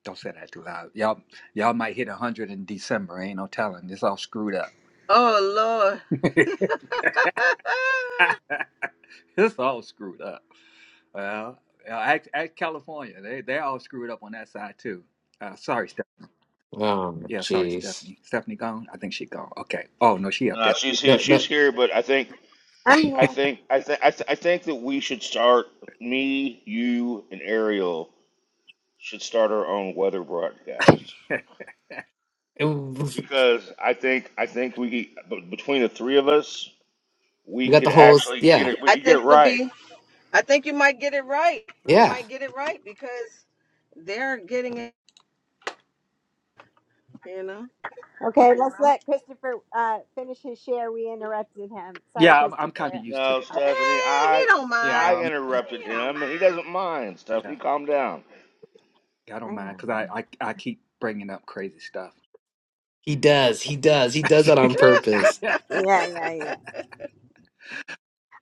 Don't say that too loud. Y'all, y'all might hit 100 in December. Ain't no telling. It's all screwed up. Oh Lord. [laughs] [laughs] it's all screwed up. Well, uh, act, act California. They, they all screwed up on that side, too. Uh, sorry, Steph. Um, Yeah, sorry, jeez. Stephanie. Stephanie gone? I think she gone. Okay. Oh, no, she up No, there. she's here. No, She's here, but I think I'm I here. think I think I, th- I think that we should start me, you, and Ariel. should start our own weather broadcast [laughs] no. [laughs] because I think I think we b- between the three of us we We got could the holes. actually get Yeah, it. We I could get it think it'll right. be I think you might get it right. You yeah. might get it right because. they're getting it, you know. Okay, let's let Christopher uh, finish his share. We interrupted him. Sorry, Yeah, I'm, I'm kind of Christopher. used to. No, Stephanie, Eh, he I don't mind. I Yeah, I'm, interrupted He don't him and he mind. doesn't mind. yeah, Stephanie, calm down. I I don't know. mind because I I, I I keep bringing up crazy stuff. He does. He does. He does that [laughs] on purpose. know. Yeah, yeah, yeah.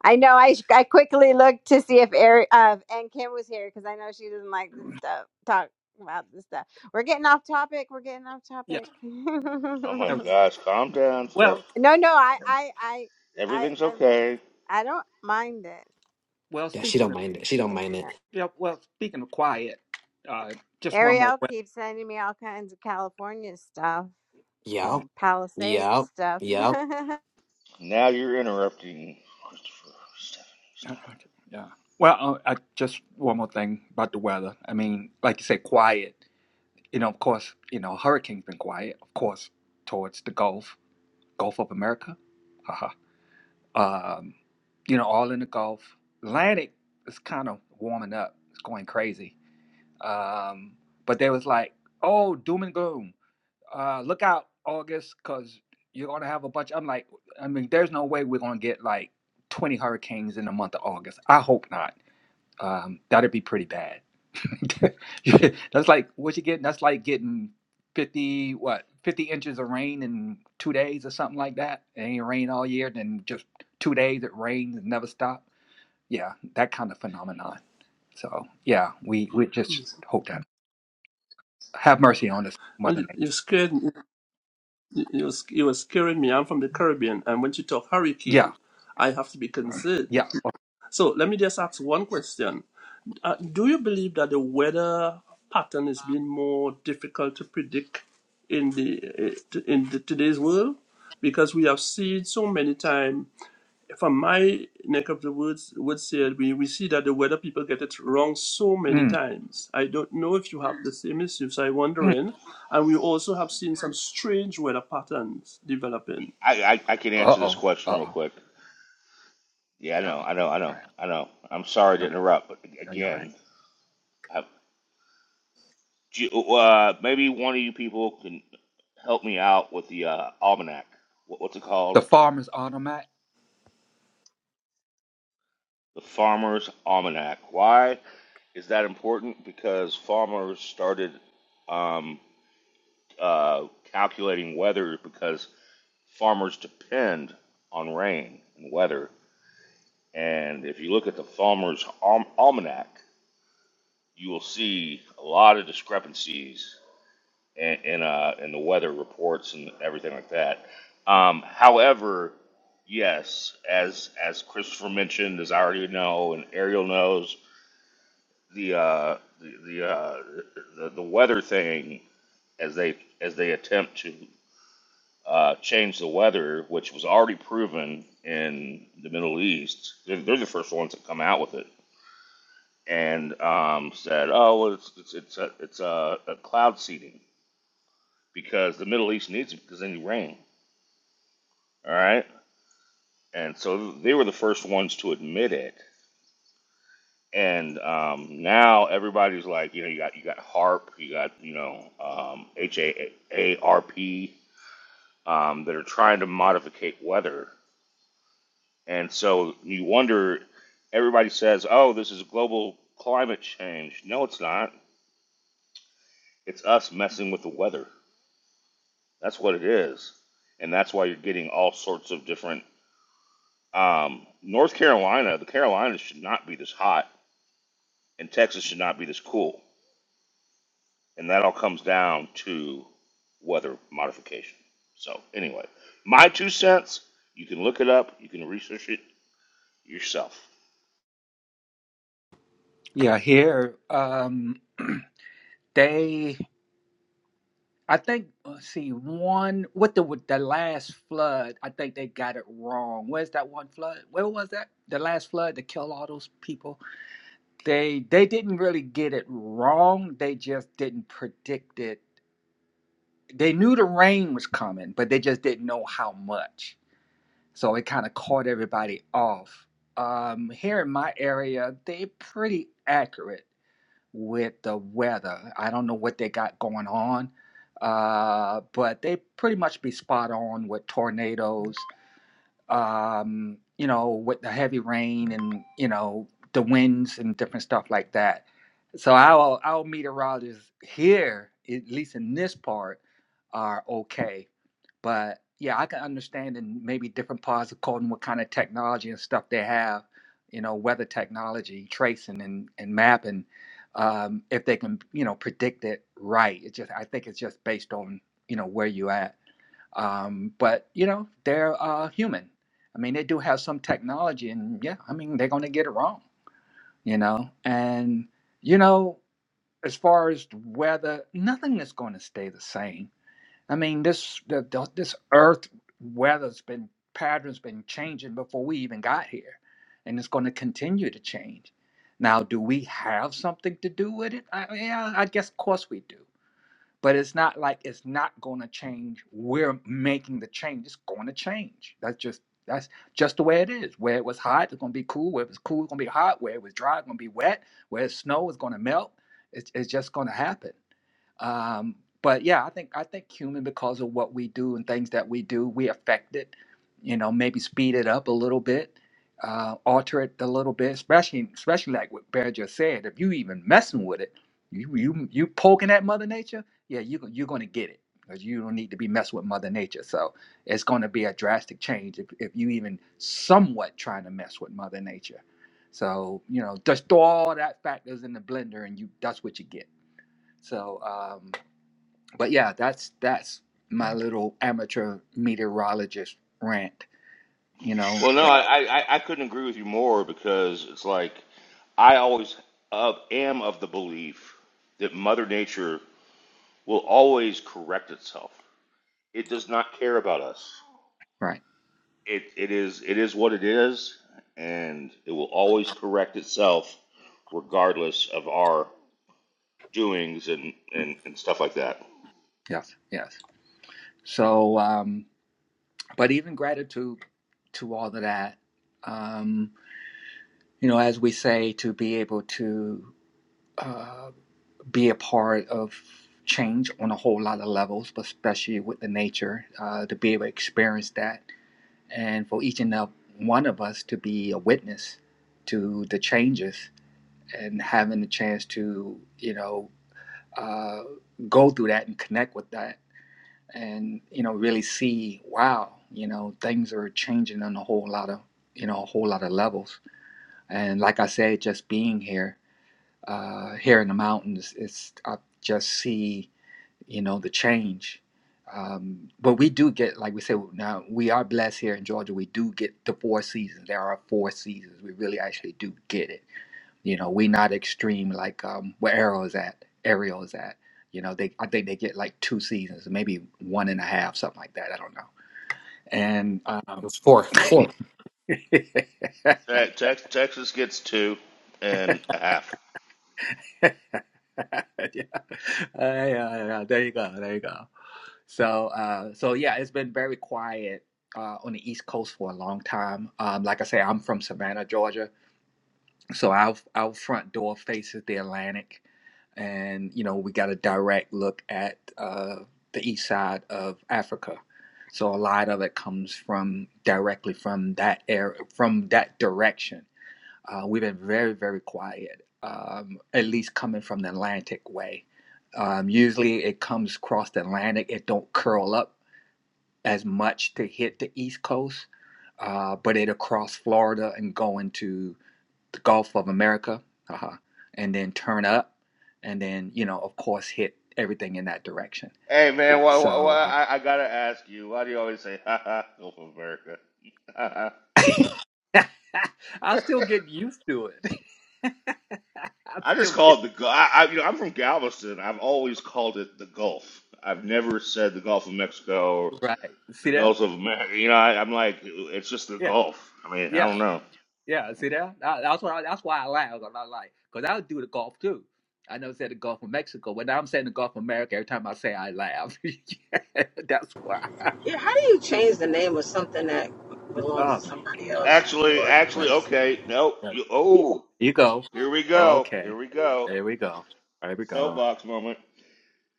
I know. I, I quickly looked to see if Eric uh, and Kim was here because I know she doesn't like this stuff. Talk about this stuff. We're getting off topic. We're getting off yeah. topic. [laughs] Oh my um, no, gosh, calm down, Steph. Well, no. I, I, I, I, Everything's I'm, okay. I don't mind it well, Yeah, she speaking don't of mind it. She don't if you mind don't. it. yeah, well, speaking of quiet, uh, just one more. Ariel Weather. keeps sending me all kinds of California stuff, Oh, Yep. Palisades Yep. stuff. Yep. [laughs] Now you're interrupting Christopher. Stephanie, uh, stop yeah. Well, uh, I, just one more thing about the weather. I mean, like you said, quiet. You know, of course, you know, hurricanes been quiet, of course, towards the Gulf, Gulf of America. Haha. um, you know, all in the Gulf. Atlantic is kind of warming up. It's going crazy. Um, but there was like, oh, doom and gloom. Uh, look out, August, because you're going to have a bunch. I'm like, I mean, there's no way we're going to get like 20 hurricanes in the month of August. I hope not. Um, that'd be pretty bad. [laughs] that's like what you get. That's like getting 50, what, 50 inches of rain in two days or something like that. It ain't rain all year. Then just two days it rains and never stop yeah, that kind of phenomenon. So yeah, we we just hope that have mercy on us, When Mother you, Nature. you scared me- you, you was- you were scaring me. I'm from the Caribbean, and when you talk Yeah, hurricane, I have to be mm, concerned. yeah. So let me just ask one question: uh, Do you believe that the weather pattern is being more difficult to predict in the eh, t- in the, today's world because we have seen so many times from my neck of the woods would say we, we see that the weather people get it wrong so many Mm, times i don't know if you have the same issues i wonder mm. in and we also have seen some strange weather patterns it. developing I, I I can Uh answer this oh. question Uh real oh. quick. Yeah, I Uh oh. All know, I know, I know, right. I know. I'm sorry to Okay. interrupt, but Are you all right? again, I. Do you- Uh, maybe one of you people can help me out with the uh, almanac. What, what's it called? The farmer's automat. The Farmer's Almanac. Why is that important? Because farmers started um, uh, calculating weather because farmers depend on rain and weather. And if you look at the Farmer's Alm- Almanac, you will see a lot of discrepancies In and, uh, and the weather reports and everything like that. Um, however, yes, as as Christopher mentioned, as I already know, and Ariel knows, the uh, the the, uh, the the weather thing as they as they attempt to uh, change the weather, which was already proven in the Middle East. They're, they're the first ones that come out with it and um, said, "Oh, well, it's it's it's a, it's a, a cloud seeding because the Middle East needs it because they need rain." All right. And so they were the first ones to admit it. And um, now everybody's like, you know, you got you got HARP, you got you know um, H A A R P um, that are trying to modificate weather. And so you wonder. Everybody says, oh, this is global climate change. No, it's not. It's us messing with the weather. That's what it is. And that's why you're getting all sorts of different. Um, North Carolina, the Carolinas should not be this hot and Texas should not be this cool. And that all comes down to weather modification. So anyway, my two cents. You can look it up. You can research it yourself. Yeah. Here. Um. [clears throat] They. I think. Let's see. One with the with the last flood. I think they got it wrong. Where's that one flood? Where was that? The last flood to kill all those people they they didn't really get it wrong they just didn't predict it they knew the rain was coming but they just didn't know how much so it kind of caught everybody off um here in my area they're pretty accurate with the weather i don't know what they got going on uh but they pretty much be spot on with tornadoes um, you know, with the heavy rain and you know the winds and different stuff like that. So our our meteorologists here, at least in this part, are okay. But yeah, I can understand in maybe different parts of Colton what kind of technology and stuff they have, you know, weather technology, tracing and and mapping, um, if they can you know predict it right. It just I think it's just based on you know where you at. Um, but you know, they're uh, human. I mean, they do have some technology, and yeah, I mean, they're going to get it wrong, you know. And you know, as far as the weather, nothing is going to stay the same. I mean, this the, the, this Earth weather's been patterns been changing before we even got here, and it's going to continue to change. Now, do we have something to do with it? I, yeah, I guess of course we do but it's not like it's not going to change we're making the change it's going to change that's just that's just the way it is where it was hot it's going to be cool where it was cool it's going to be hot where it was dry it's going to be wet where it's snow it's going to melt it's, it's just going to happen um, but yeah, I think I think human because of what we do and things that we do, we affect it. You know, maybe speed it up a little bit, uh, alter it a little bit. Especially, especially like what Bear just said. If you even messing with it, you you you poking at Mother Nature, yeah, you you're gonna get it because you don't need to be messing with Mother Nature. So it's gonna be a drastic change if if you even somewhat trying to mess with Mother Nature. So you know, just throw all that factors in the blender, and you that's what you get. So. um, but yeah, that's that's my little amateur meteorologist rant. You know, Well, no, But- I I, I couldn't agree with you more because it's like I always of, am of the belief that Mother Nature will always correct itself. It does not care about us. [laughs] right? It it is it is what it is, and it will always correct itself regardless of our doings and, and, and stuff like that. Yes, yes. So, um, but even gratitude to all of that. Um, you know, as we say, to be able to uh, be a part of change on a whole lot of levels, but especially with the nature, uh, to be able to experience that, and for each and every one of us to be a witness to the changes and having the chance to you know uh, go through that and connect with that and you know really see wow you know things are changing on a whole lot of you know a whole lot of levels and like i said just being here uh here in the mountains it's i just see you know the change um but we do get like we said now we are blessed here in georgia we do get the four seasons there are four seasons we really actually do get it you know, we not extreme like um, where Arrow is at. Ariel is at. You know, they I think they get like two seasons, maybe one and a half, something like that. I don't know. And um, It's four. Four. [laughs] yeah. Te- Tex- Texas gets two and a half. Uh, yeah, yeah, there you go, there you go. So, uh, so yeah, it's been very quiet uh, on the East Coast for a long time. Um, like I say, I'm from Savannah, Georgia, So our our front door faces the Atlantic, and you know we got a direct look at uh, the east side of Africa. So a lot of it comes from directly from that area, from that direction. Uh, we've been very very quiet, um, at least coming from the Atlantic way. Um, usually it comes across the Atlantic. It don't curl up as much to hit the East Coast, uh, but it across Florida and go into the Gulf of America, haha, and then turn up, and then you know, of course, hit everything in that direction. Hey man, why, why, So why, I, I gotta ask you, why do you always say "ha ha" Gulf of America? [laughs] I uh, [laughs] I'll still get used to it. [laughs] I'm still just call it the Gulf. I, I, you know, I'm from Galveston. I've always called it the Gulf. I've never said the Gulf of Mexico or get- right. the See that? Gulf of America. You know, I, I'm like, it's just the Yeah, Gulf. I mean, I yeah, don't know. yeah. See that? That- That's why. That's why I laugh. I'm not like because I would do the Gulf too. I know said the Gulf of Mexico, but now I'm saying the Gulf of America. Every time I say, I laugh. [laughs] that's why. Yeah, how do you change the name of something that belongs Oh to somebody my else? Actually, Lord have actually, mercy. okay, no, god. you. Oh, You go. here we go. Here Okay. we go. There we go. There we go. Soapbox moment.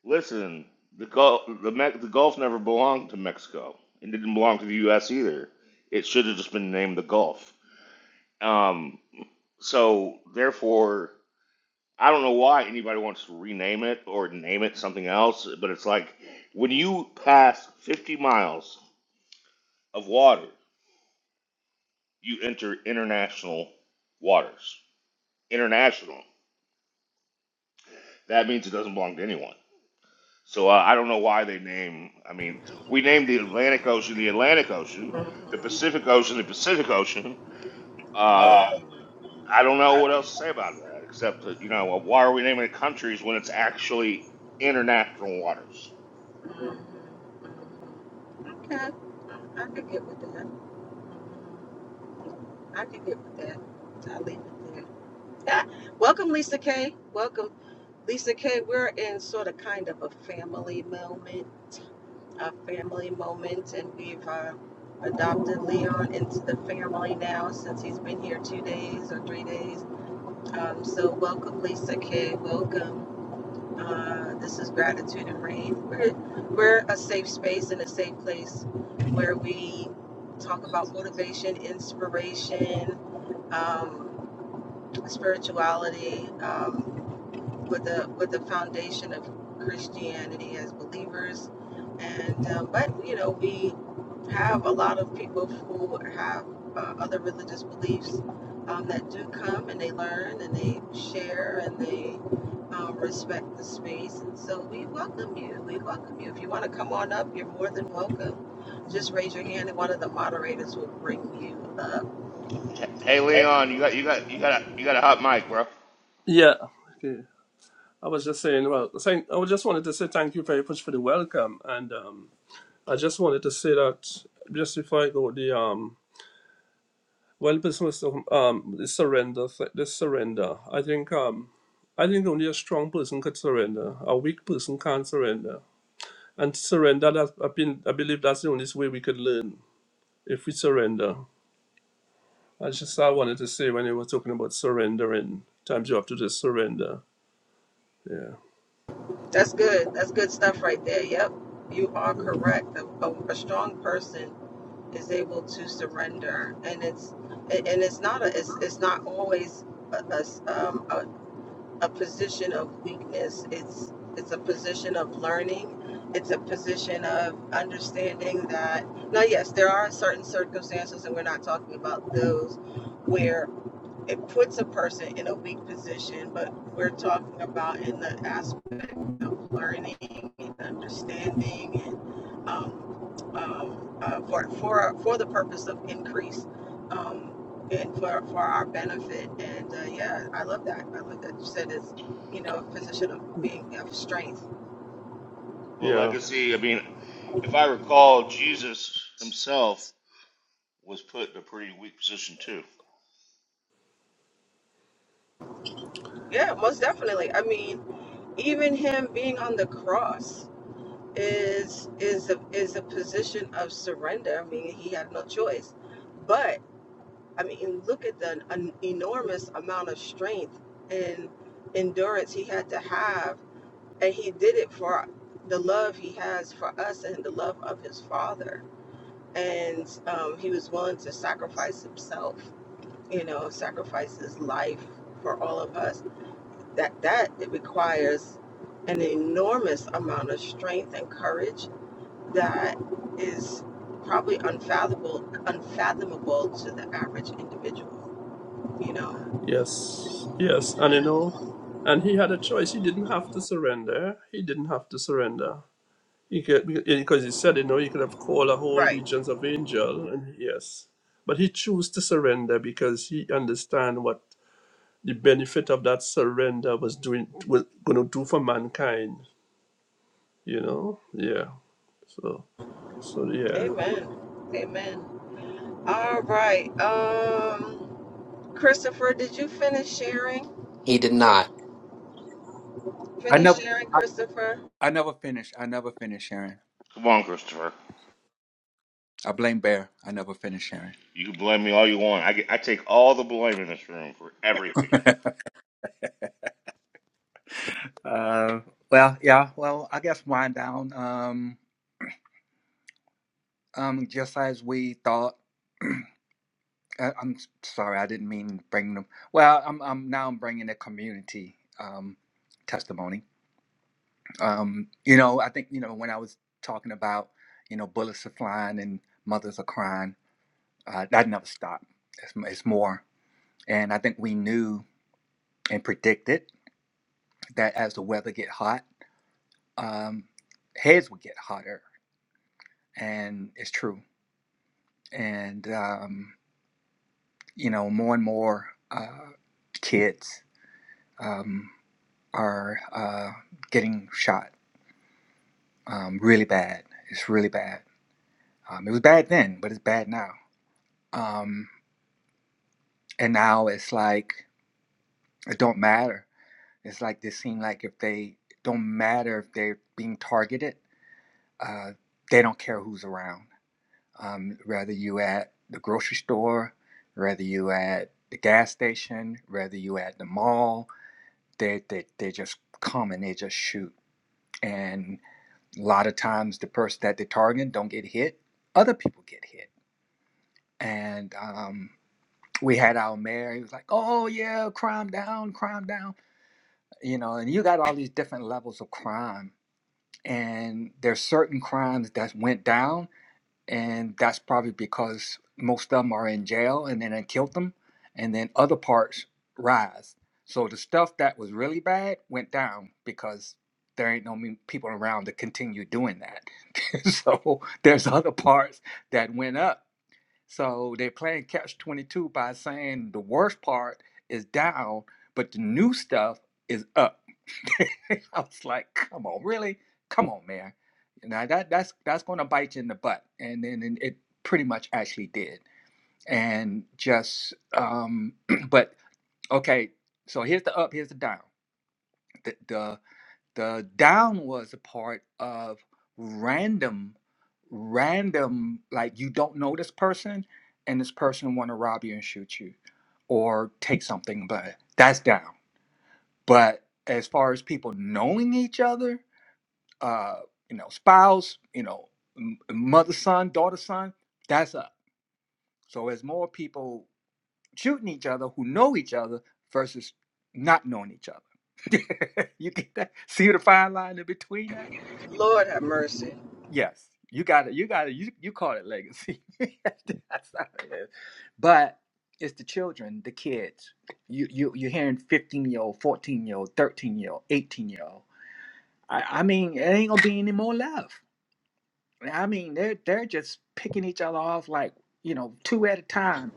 Listen, the Gulf, the, Me- the Gulf never belonged to Mexico. It didn't belong to the U.S. either. It should have just been named the Gulf. Um, so therefore, I don't know why anybody wants to rename it or name it something else. But it's like when you pass 50 miles of water, you enter international waters. International. That means it doesn't belong to anyone. So uh, I don't know why they name. I mean, we named the Atlantic Ocean the Atlantic Ocean, the Pacific Ocean the Pacific Ocean. Uh, I don't know what else to say about that except that you know why are we naming it countries when it's actually international waters? Okay, I could get with that. I could get with that. I'll leave it there. Ah, welcome, Lisa K. Welcome, Lisa K. We're in sort of kind of a family moment, a family moment, and we've uh, adopted Leon into the family now since he's been here two days or three days Um, so welcome, Lisa K. Welcome. Uh, this is Gratitude and Rain. We're, we're a safe space and a safe place where we talk about motivation, inspiration, um, spirituality, um, with a with a foundation of Christianity as believers. And um, but you know we have a lot of people who have uh, other religious beliefs um, that do come and they learn and they share and they uh, respect the space. And so we welcome you. We welcome you. If you want to come on up, you're more than welcome. Just raise your hand and one of the moderators will bring you up. H- Hey Leon, you got you got you got a, you got a hot mic, bro. yeah okay i was just saying well thank, i just wanted to say thank you very much for the welcome and um, i just wanted to say that just before i go the um Well, business of um, the surrender, th- the surrender. I think um, I think only a strong person could surrender. A weak person can't surrender. And surrender, that I, been, I believe that's the only way we could learn if we surrender. That's just what I wanted to say when you were talking about surrendering. Times you have to just surrender. Yeah. That's good. That's good stuff right there. Yep. You are Yeah. correct. A, a, a strong person is able to surrender, and it's and and it's not a it's, it's not always a, a, um, a, a position of weakness. It's it's a position of learning. It's a position of understanding that now yes, there are certain circumstances and we're not talking about those where it puts a person in a weak position, but we're talking about in the aspect of learning and understanding um, um, uh, for for for the purpose of increase um, and for for our benefit. And uh, yeah, I love that. I love that you said it's you know a position of being of strength. Well, Yeah. legacy. I mean, if I recall, Jesus himself was put in a pretty weak position too. Yeah, most definitely. I mean, even him being on the cross is is a, is a position of surrender. I mean, he had no choice, but. I mean, look at the an enormous amount of strength and endurance he had to have And he did it for the love he has for us and the love of his father. And um, he was willing to sacrifice himself, you know, sacrifice his life for all of us. That that it requires an enormous amount of strength and courage that is probably unfathomable unfathomable to the average individual, you know. Yes. Yes. And you know, and he had a choice. He didn't have to surrender. He didn't have to surrender You could because yeah, because he said, you know, you could have called a whole Right. legions of angels, and yes, but he chose to surrender because he understand what the benefit of that surrender was doing was going to do for mankind. You know, yeah. So so yeah. Amen. Amen. All right. Um Christopher, did you finish sharing? He did not. I Finish never, sharing, I, Christopher. I never finished. I never finished Sharon. Come on, Christopher. I blame Bear. I never finished Sharon. You can blame me all you want. I, get- I take all the blame in this room for everything. [laughs] uh, well, yeah. Well, I guess wind down. Um, um, just as we thought. I, I'm sorry, I didn't mean bring them. Well, I'm, I'm now I'm bringing the community um, testimony. Um, you know, I think you know when I was talking about you know bullets are flying and mothers are crying. Uh, that never stopped. It's, it's more. And I think we knew and predicted that as the weather get hot, um, heads would get hotter. And it's true. And, um, you know, more and more uh, kids um, are uh, getting shot um, really bad. It's really bad. Um, it was bad then, but it's bad now. Um, and now it's like, it don't matter It's like they seem like if they don't matter if they're being targeted, uh, they don't care who's around. Um, whether you at the grocery store, whether you at the gas station, whether you at the mall, they they they just come and they just shoot. And a lot of times the person that they target don't get hit. Other people get hit. And um, we had our mayor. He was like, "Oh yeah, crime down, crime down." You know, and you got all these different levels of crime and there's certain crimes that went down and that's probably because most of them are in jail and then they killed them and then other parts rise so the stuff that was really bad went down because there ain't no people around to continue doing that [laughs] so there's other parts that went up so they're playing catch 22 by saying the worst part is down but the new stuff is up [laughs] I was like, come on, really? Come on, man. Now that that's that's gonna bite you in the butt. And then and it pretty much actually did. And just um [clears throat] but okay, so here's the up, here's the down. The the the down was a part of random, random, like you don't know this person and this person wanna rob you and shoot you or take something, but that's down. But as far as people knowing each other, uh, you know, spouse, you know, m- mother, son, daughter, son, that's up. So there's more people shooting each other who know each other versus not knowing each other. [laughs] you get that? See the fine line in between that? Lord have mercy. Yes, you got it. You got it. You you call it legacy. [laughs] that's how it is. But it's the children, the kids. You you you're hearing 15 year old, 14 year old, 13 year old, 18 year old. I, I mean, it ain't gonna be any more left. I mean, they're they're just picking each other off like you know two at a time.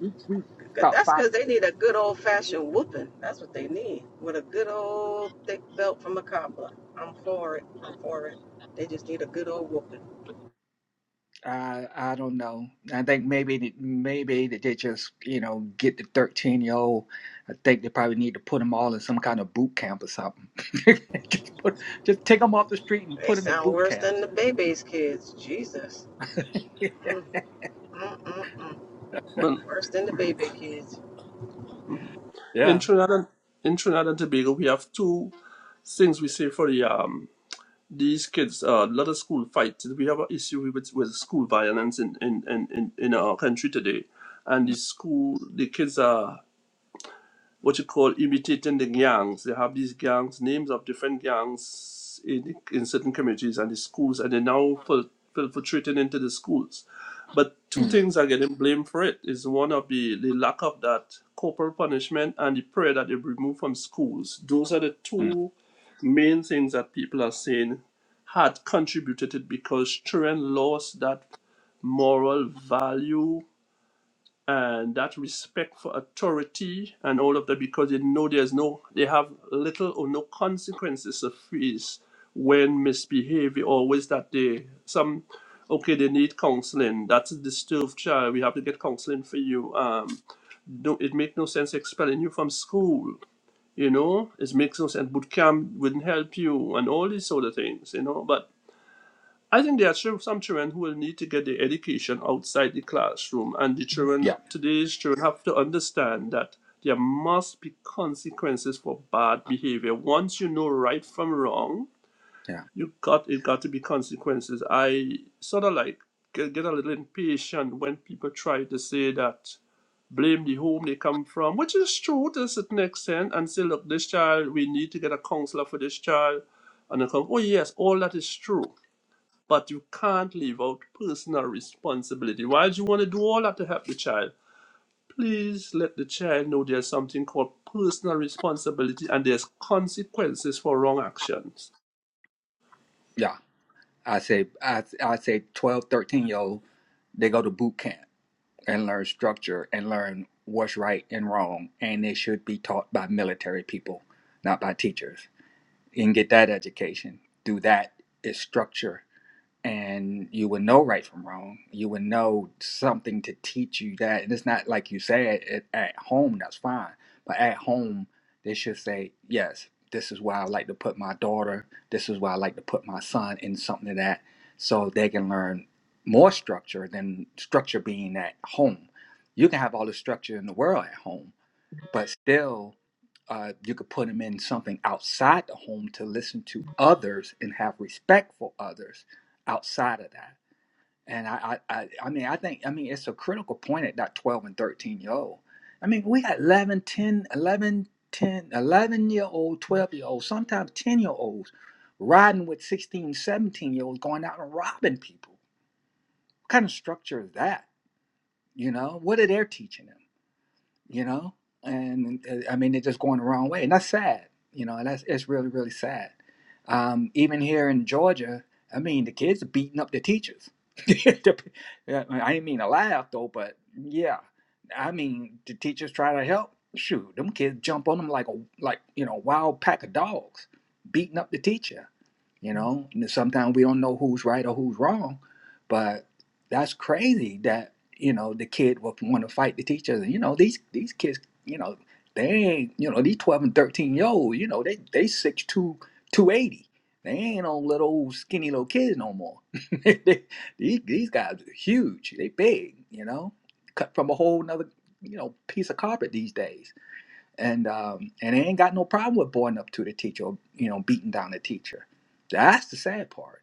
'Cause About That's five. because they need a good old fashioned whooping. That's what they need. With a good old thick belt from a cobbler. I'm for it. I'm for it. They just need a good old whooping. I I don't know. I think maybe th- maybe that they just you know get the thirteen year old. I think they probably need to put them all in some kind of boot camp or something. [laughs] just put just take them off the street and They put them in sound boot worse than camps. the baby's kids. Jesus. [laughs] Mm-mm-mm. But Worse than the baby kids. in Yeah. Trinidad and in Trinidad and Tobago, we have two things we say for the um these kids. Uh, A uh, lot of school fights. We have an issue with with school violence in in in in, in our country today, and the Mm, school the kids are what you call imitating the gangs. They have these gangs, names of different gangs in, in certain communities and the schools, and they're now fil- infiltrating into the schools. But two mm, things are getting blamed for it is one of the, the lack of that corporal punishment and the prayer that they remove from schools. Those are the mm. two main things that people are saying had contributed it because children lost that moral value and that respect for authority and all of that because they know there's no they have little or no consequences of fees when misbehavior always that they some okay they need counseling that's a disturbed child we have to get counseling for you um no it makes no sense expelling you from school you know it makes no sense boot camp wouldn't help you and all these sort of things you know but I think there are chil- some children who will need to get their education outside the classroom, and the children Yeah, today's children have to understand that there must be consequences for bad behavior. Once you know right from wrong, yeah, you got it got to be consequences. I sort of like get, get a little impatient when people try to say that blame the home they come from, which is true to a certain extent, and say, look, this child, we need to get a counselor for this child, and they come, oh yes, all that is true but you can't leave out personal responsibility. Why do you want to do all that to help the child? Please let the child know there's something called personal responsibility and there's consequences for wrong actions. yeah. I say I I say 12 13 year old. They go to boot camp. and learn structure and learn what's right and wrong. And it should be taught by military people, not by teachers. You can get that education. Through that is structure and you would know right from wrong. You would know something to teach you that. And it's not like you said it, at home, that's fine. But at home, they should say, yes, this is where I like to put my daughter. This is where I like to put my son in something of that so they can learn more structure than structure being at home. You can have all the structure in the world at home, but still uh, you could put them in something outside the home to listen to others and have respect for others outside of that and I, I i I mean i think i mean it's a critical point at that 12 and 13 year old i mean we got 11 10 11 10 11 year old 12 year old sometimes 10 year olds riding with 16 17 year olds going out and robbing people what kind of structure is that you know what are they teaching them you know and uh, i mean they're just going the wrong way and that's sad you know and that's it's really really sad um, even here in georgia i mean the kids are beating up the teachers [laughs] The yeah, i didn't mean to laugh though but yeah i mean the teachers try to help shoot them kids jump on them like a like you know wild pack of dogs beating up the teacher you know and sometimes we don't know who's right or who's wrong but that's crazy that you know the kid would want to fight the teachers and you know these these kids you know they ain't you know these 12 and 13 year old you know they they six two two eighty. they ain't no little old skinny little kids no more [laughs] they, these, these guys are huge they big you know cut from a whole nother you know piece of carpet these days and um and they ain't got no problem with boring up to the teacher or, you know beating down the teacher that's the sad part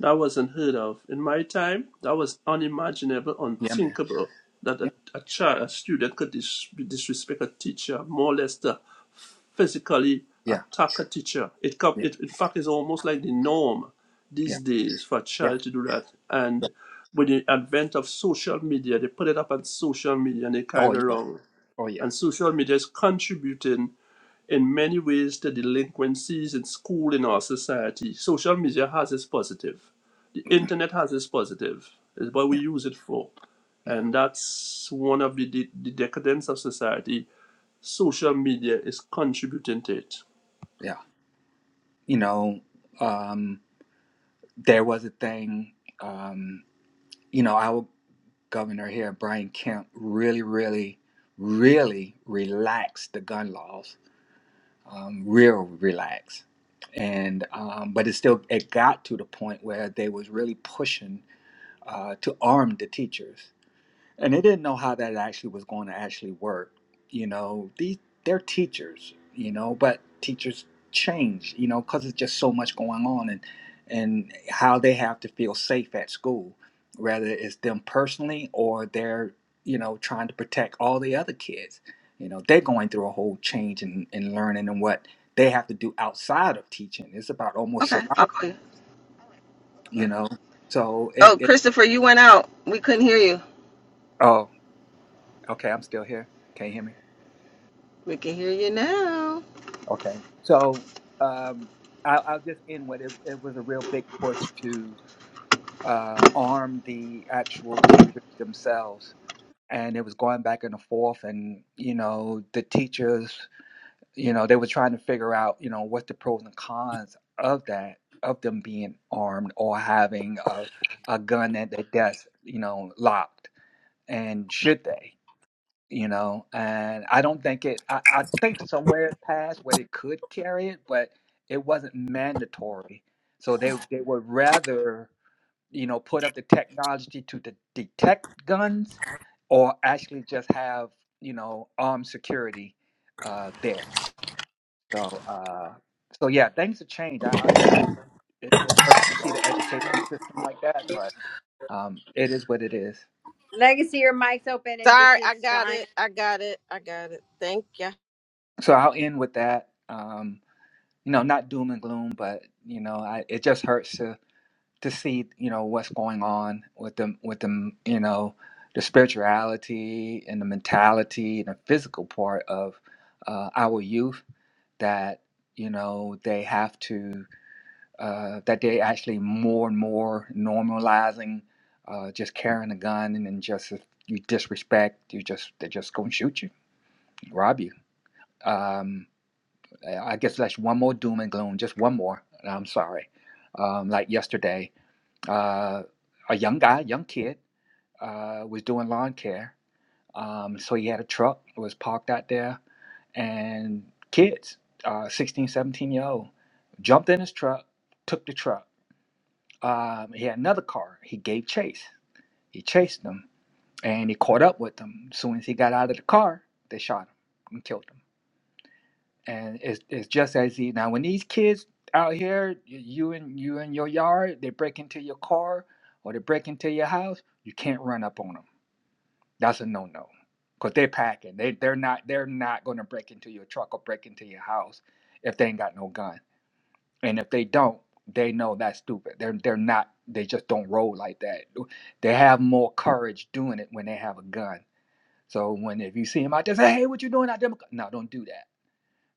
That was unheard of. In my time, that was unimaginable, yeah man unthinkable that yeah a, a child, a student could dis- disrespect a teacher, more or less to physically yeah attack a teacher. It, co- yeah it in fact is almost like the norm yeah, these days for a child to yeah. do that. And with the advent of social media, they put it up on social media and they carry oh it yeah around. oh yeah And social media is contributing in many ways the delinquencies in school in our society. Social media has its positive. The internet has its positive. It's what we use it for. Yeah, And that's one of the, de- the decadence of society. Social media is contributing to it. yeah. You know, um, there was a thing, um, you know, our governor here, Brian Kemp, really, really, really relaxed the gun laws, um, real relaxed. And um, but it still it got to the point where they was really pushing uh, to arm the teachers and they didn't know how that actually was going to actually work you know these they're teachers you know but teachers change you know because it's just so much going on and and how they have to feel safe at school whether it's them personally or they're you know trying to protect all the other kids you know they're going through a whole change in, in learning and what they have to do outside of teaching it's about almost survi- you know so it, it oh okay i'm still here can you hear me Okay. So um, I'll, I'll just end with it. It was a real big push to uh, arm the actual teachers themselves. And it was going back and forth. And, you know, the teachers, you know, they were trying to figure out, you know, what's the pros and cons of that, of them being armed or having a, a gun at their desk, you know, locked. And should they? you know and i don't think it I, I think somewhere it passed where they could carry it but it wasn't mandatory so they they would rather you know put up the technology to de- detect guns or actually just have you know armed security uh there so uh so yeah things have changed i i, I it, it hurts to see the education system like that but um it is what it is Legacy, your mic's open and Sorry, I dishes got flying. it. I got it. I got it. Thank ya. so i'll end with that Um, you know, not doom and gloom, but you know, I, it just hurts to to see you know what's going on with them with them you know the spirituality and the mentality and the physical part of uh, our youth that you know they have to uh, that they actually more and more normalizing uh, just carrying a gun and then just if you disrespect you just they're just gonna shoot you rob you Um, I guess that's one more doom and gloom, just one more. I'm sorry. Um, like yesterday, uh, a young guy, young kid, uh, was doing lawn care. Um, so he had a truck, was parked out there, and kids, uh, 16, 17 year old, jumped in his truck, took the truck. Um, he had another car. He gave chase. He chased them, and he caught up with them. As soon as he got out of the car, they shot him and killed him. and it's it's just as easy. Now, when these kids out here, you and you in your yard, they break into your car or they break into your house, you can't run up on them. That's a no no, cause they're packing. They they're not they're not gonna break into your truck or break into your house if they ain't got no gun. And if they don't, they know that's stupid. They're they're not. They just don't roll like that. They have more courage doing it when they have a gun. So when if you see them out there, say, "Hey, what you doing out there?" No, don't do that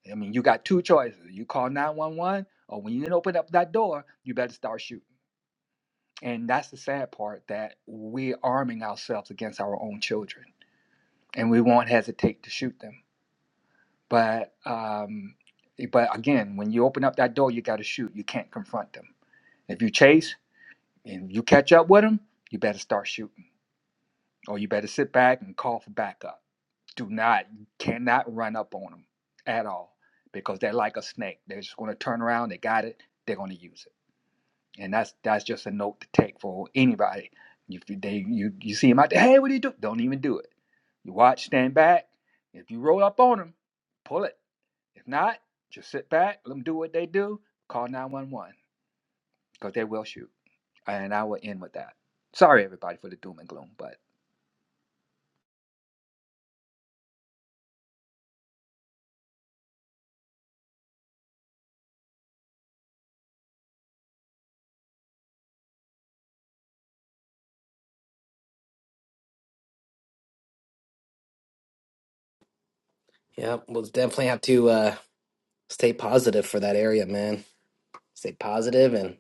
I mean, you got two choices. You call 911, or when you didn't open up that door, you better start shooting. And that's the sad part that we're arming ourselves against our own children, and we won't hesitate to shoot them. But um, but again, when you open up that door, you got to shoot. You can't confront them. If you chase and you catch up with them, you better start shooting, or you better sit back and call for backup. Do not, cannot run up on them at all because they're like a snake. They're just going to turn around. They got it. They're going to use it. and that's that's just a note to take for anybody. If they you you see him out there, hey, what do you do? Don't even do it. You watch, stand back. If you roll up on them, pull it. If not, just sit back, let them do what they do. Call nine one one because they will shoot. And I will end with that. Sorry everybody for the doom and gloom, but Yep. We'll definitely have to uh, stay positive for that area, man. Stay positive, and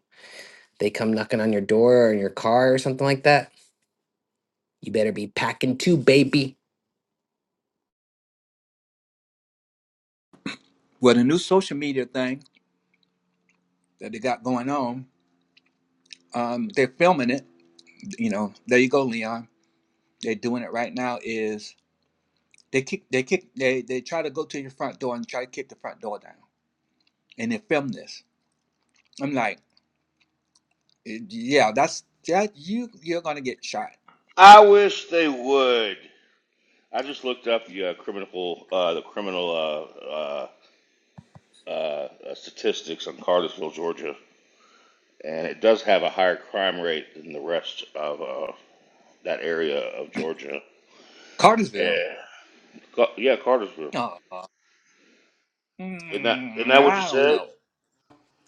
they come knocking on your door or your car or something like that. You better be packing too, baby. Well, the new social media thing that they got going on, um, they're filming it. You know, there you go, Leon. They're doing it right now. Is they kick, they kick, they they try to go to your front door and try to kick the front door down. and they the feminists. I'm like, eh, yeah, that's that you you're gonna get shot. I wish they would. I just looked up the uh, criminal uh, the criminal uh, uh, uh, statistics on Cartersville, Georgia, and it does have a higher crime rate than the rest of uh, that area of Georgia. Cartersville. Yeah, Ca- yeah, Cartersville. Oh, Isn't that isn't mm, that what you I don't said? know.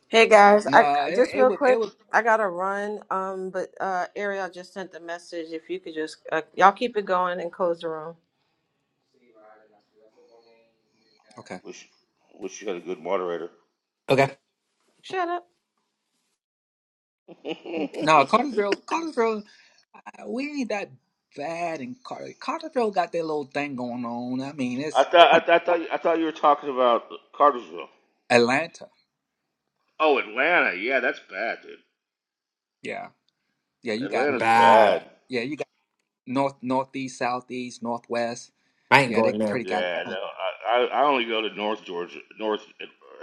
Hey guys, I No, I- it, just it real would it quick, would I gotta run. Um, but uh, Ariel just sent the message. If you could just uh, y'all keep it going and close the room. okay. Wish wish you had a good moderator. Okay. Shut up. [laughs] No, Cartersville, Cartersville, uh, we ain't that bad in Car- Cartersville. Got their little thing going on. I mean, I it's kind thought I, I thought I thought you were talking about Cartersville. of Atlanta. Oh, Atlanta. Yeah, that's bad, dude. Yeah, yeah, you got Atlanta's Bad. bad. yeah, you got north, northeast, southeast, northwest. I ain't Yeah, they going there. pretty got it. Yeah, no, I, I I only go to North Georgia, North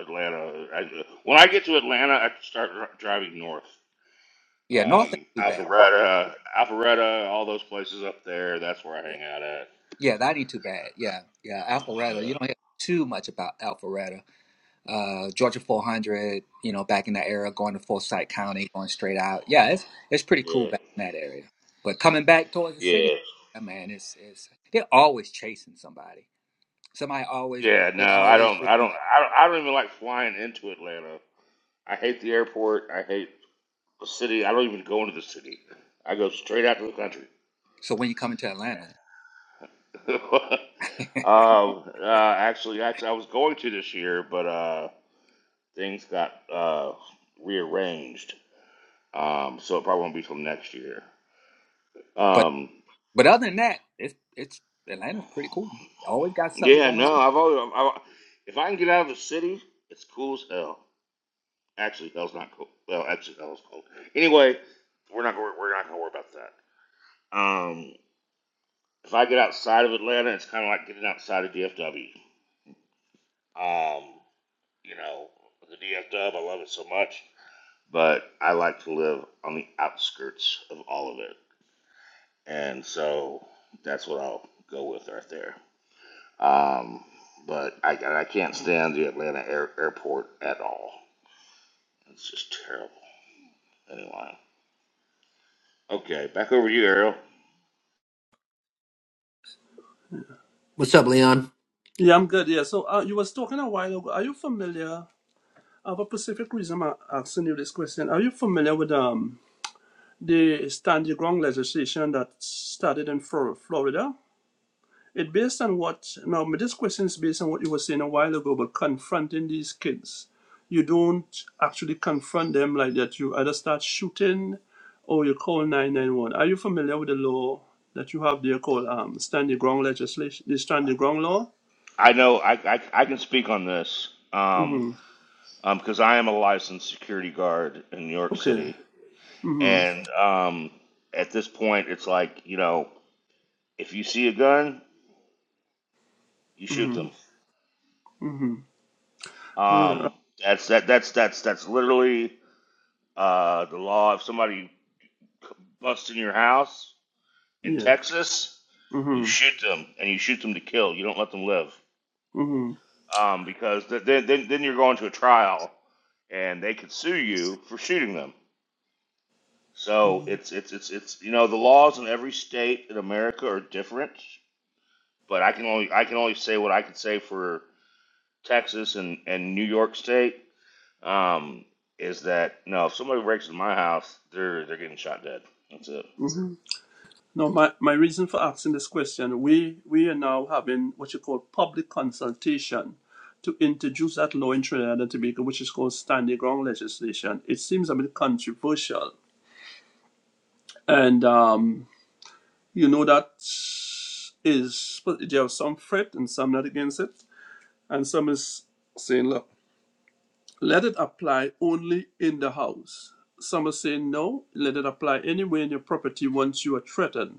Atlanta. I, when I get to Atlanta, I start dri- driving north. Yeah, north Um, ain't too bad. Alpharetta, Alpharetta, all those places up there. That's where I hang out at. Yeah, that ain't too bad. Yeah, yeah. Alpharetta, you [sighs] don't hear too much about Alpharetta. Uh, Georgia 400, you know, back in that era, going to Forsyth County, going straight out. Yeah, it's it's pretty cool Yeah, back in that area. But coming back towards yeah, the city, yeah. yeah, man, it's it's they're always chasing somebody. Somebody always Yeah, No, they I always don't. I doing. don't. I don't, I don't even like flying into Atlanta. I hate the airport. I hate the city. I don't even go into the city. I go straight out to the country. So when you come into Atlanta, [laughs] [laughs] um, uh, actually, actually, I was going to this year, but uh, things got uh, rearranged, um, so it probably won't be till next year. but Um, but other than that, it's it's Atlanta's pretty cool. Always got something yeah, going no, on. I've always, I've, I've- if I can get out of the city, it's cool as hell. Actually, hell's not cool. Well, actually, hell's cool. Anyway, we're not gonna, we're not gonna worry about that. Um, if I get outside of Atlanta, it's kind of like getting outside of DFW. Um, you know, the DFW, I love it so much but I like to live on the outskirts of all of it. And so that's what I'll go with right there. Um, but I, I can't stand the Atlanta air, airport at all. It's just terrible. Anyway, okay, back over to you, Ariel. What's up, Leon? Yeah, I'm good. Yeah. So uh, you was talking a while ago. Are you familiar? I have a specific reason I'm asking you this question. Are you familiar with um the stand your ground legislation that started in Flor- Florida? It based on what now my- this question is based on what you were saying a while ago about confronting these kids. You don't actually confront them like that. You either start shooting or you call nine nine one. Are you familiar with the law that you have there called um stand your ground legislation the stand your ground law? I know I, I, I can speak on this um, Mm-hmm. um, because I am a licensed security guard in New York Okay. City. Mm-hmm. And um, at this point, it's like, you know, if you see a gun, you shoot them Mm-hmm. Mm-hmm. Right. Um, that's that that's that's that's literally uh, the law. If somebody busts in your house in Yeah. Texas, you Mm-hmm. shoot them and you shoot them to kill. You don't let them live Mm-hmm. um, because th- then then then you're going to a trial and they could sue you for shooting them. So Mm-hmm. it's it's it's it's you know the laws in every state in America are different, but I can only I can only say what I can say for Texas and, and New York State um, is that no, if somebody breaks into my house, they're they're getting shot dead. That's it. Mm-hmm. No, my, my reason for asking this question, we we are now having what you call public consultation to introduce that law in Trinidad and Tobago, which is called standing ground legislation. It seems a bit controversial. And um, you know that is there are some for it and some not against it. And some is saying, look, let it apply only in the house. Some are saying no, let it apply anywhere in your property once you are threatened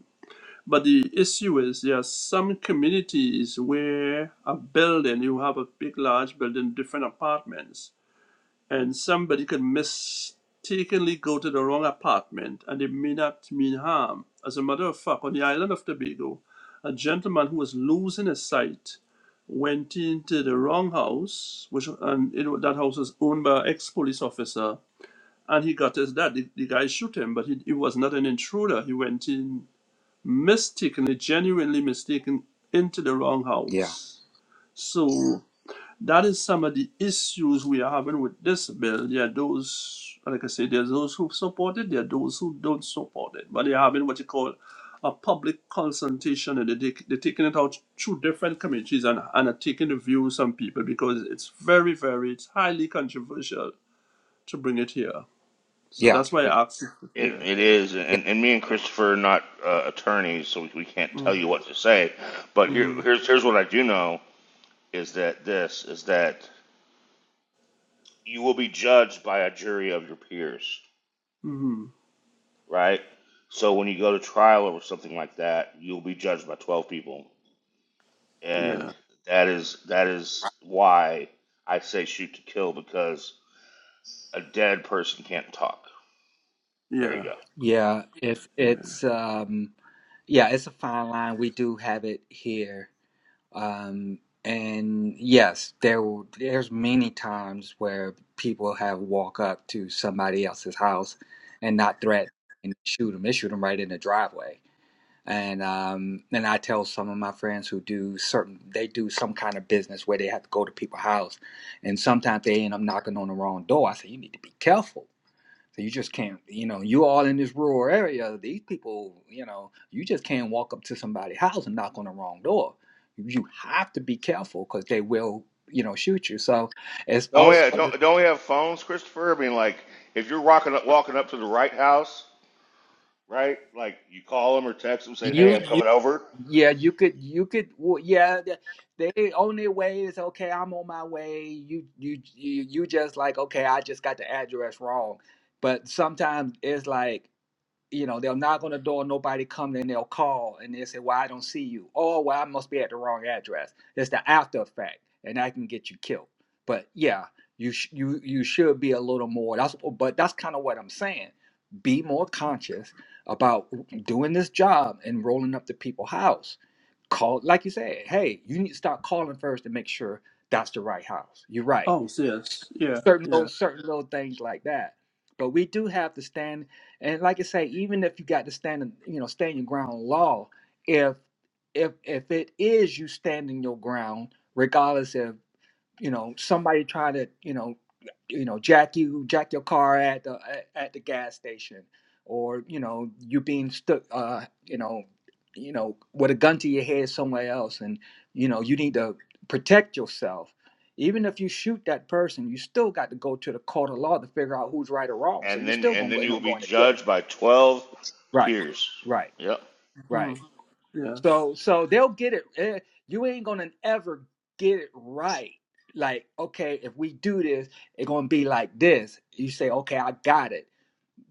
But the issue is there are some communities where a building, you have a big, large building, different apartments, and somebody could mistakenly go to the wrong apartment and it may not mean harm. As a matter of fact, on the island of Tobago, a gentleman who was losing his sight went into the wrong house, which and it, wa- that house was owned by an ex-police officer, and he got his dad. The, the guy shoot him, but he, he was not an intruder. He went in mistaken, genuinely mistaken, into the wrong Yeah, house. So that is some of the issues we are having with this bill. There are those, like I say, there's those who support it, there are those who don't support it. But they are having what you call a public consultation and they they're taking it out through different committees and, and are taking the views some people because it's very, very, it's highly controversial to bring it here. So yeah, that's why it- I asked. It, Yeah. it is, yeah. and, and me and Christopher are not uh, attorneys, so we can't tell you Mm-hmm. what to say. But here, Mm-hmm. here's here's what I do know is that this is that you will be judged by a jury of your peers, Mm-hmm. right? So when you go to trial over something like that, you'll be judged by twelve people, Yeah. and that is that is why I say shoot to kill because a dead person can't talk. There Yeah. you go. Yeah, if Yeah. it's um Yeah, it's a fine line. We do have it here. Um, and yes, there w- there's many times where people have walk up to somebody else's house and not threaten and shoot them. They shoot them right in the driveway. And um, and I tell some of my friends who do certain they do some kind of business where they have to go to people's house, and sometimes they end up knocking on the wrong door. I say you need to be careful so you just can't, you know, you all in this rural area. These people, you know, you just can't walk up to somebody's house and knock on the wrong door. You have to be careful because they will, you know, shoot you. So it's Don't we also have, don't, don't we have phones, Christopher? I mean, like if you're walking up, walking up to the right house, right? Like you call them or text them, say, "Hey, you, I'm you, coming over," yeah, you could, you could, well, yeah, th- they on their way is okay. I'm on my way. You, you, you, you just like okay. I just got the address wrong, but sometimes it's like you know, they'll knock on the door, nobody come, then they'll call and they'll say, Well, I don't see you. Oh, well, I must be at the wrong address. It's the after effect, and that can get you killed. But yeah, you sh- you you should be a little more that's but that's kind of what I'm saying. Be more conscious about doing this job and rolling up to people's house. Call like you said, hey, you need to start calling first to make sure that's the right house. You're right Oh, so yes. Yeah, certain little yeah, certain little things like that. But we do have to stand and like I say, even if you got to stand in- you know, stand your ground law, if if if it is you standing your ground, regardless if you know somebody try to you know you know jack you jack your car at the at at the gas station or you know you being stuck uh you know you know with a gun to your head somewhere else and you know you need to protect yourself even if you shoot that person you still got to go to the court of law to figure out who's right or wrong so and you're then still gonna and go- then you end will up be going to jail judged by twelve right peers. right Yep. hmm right yes. so so they'll get it. eh, You ain't gonna ever get it right. Like okay, if we do this, it's gonna be like this. You say okay, I got it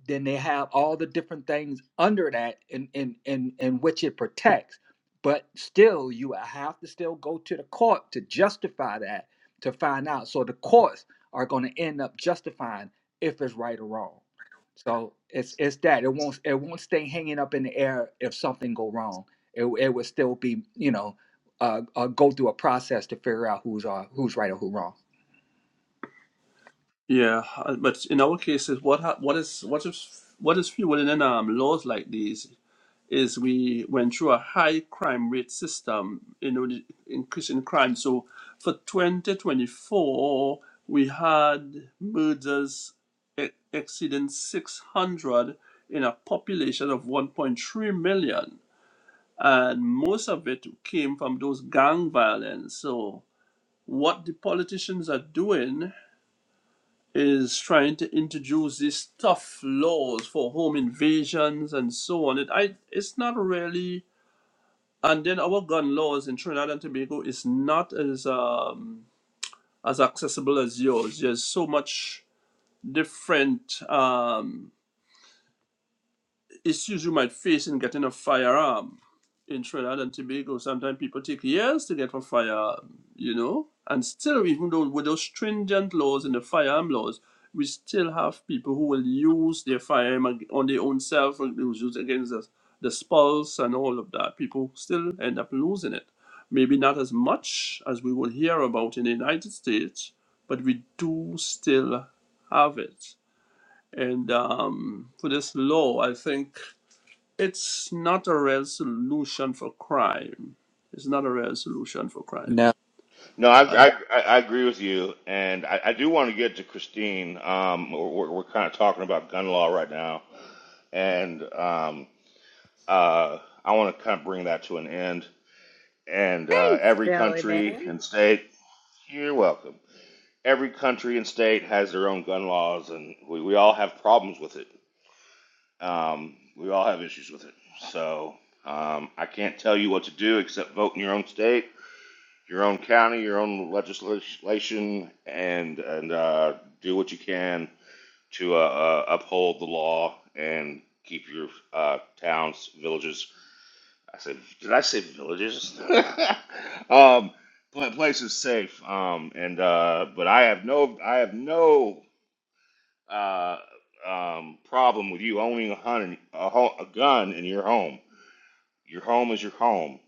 then they have all the different things under that in in in, in which it protects but still you have to still go to the court to justify that to find out so the courts are going to end up justifying if it's right or wrong so it's it's that it won't it won't stay hanging up in the air if something go wrong it, it would still be you know uh, uh go through a process to figure out who's uh who's right or who wrong Yeah, uh, but in our cases, what ha what is what is what is fueling in um laws like these is we went through a high crime rate system, you know, the increase in crime. So for 2024, we had murders e- exceeding 600 in a population of 1.3 million, and most of it came from those gang violence. So. what the politicians are doing is trying to introduce these tough laws for home invasions and so on. It I it's not really and then our gun laws in Trinidad and Tobago is not as um as accessible as yours. There's so much different um issues you might face in getting a firearm in Trinidad and Tobago. Sometimes people take years to get a firearm, you know, and still, even though with those stringent laws and the firearm laws, we still have people who will use their firearm on their own self, and they will use it against the, the spouse and all of that. People still end up losing it. Maybe not as much as we will hear about in the United States, but we do still have it. And um, for this law, I think it's not a resolution for crime. It's not a resolution for crime. No, I I I, I I agree with you, and I, I do want to get to Christine. Um, we're, we're kind of talking about gun law right now, and um, uh, I want to kind of bring that to an end. And uh, Thanks, every Billy country Bear. and state, you're welcome every country and state has their own gun laws, and we, we all have problems with it. Um, we all have issues with it. So um, I can't tell you what to do except vote in your own state, your own county, your own legislation, and and uh, do what you can to uh, uh, uphold the law and keep your uh, towns, villages. I said, did I say villages? [laughs] um, pla- places safe. Um, and uh, but I have no, I have no uh, um, problem with you owning a, hun- a, ho- a gun in your home. Your home is your home.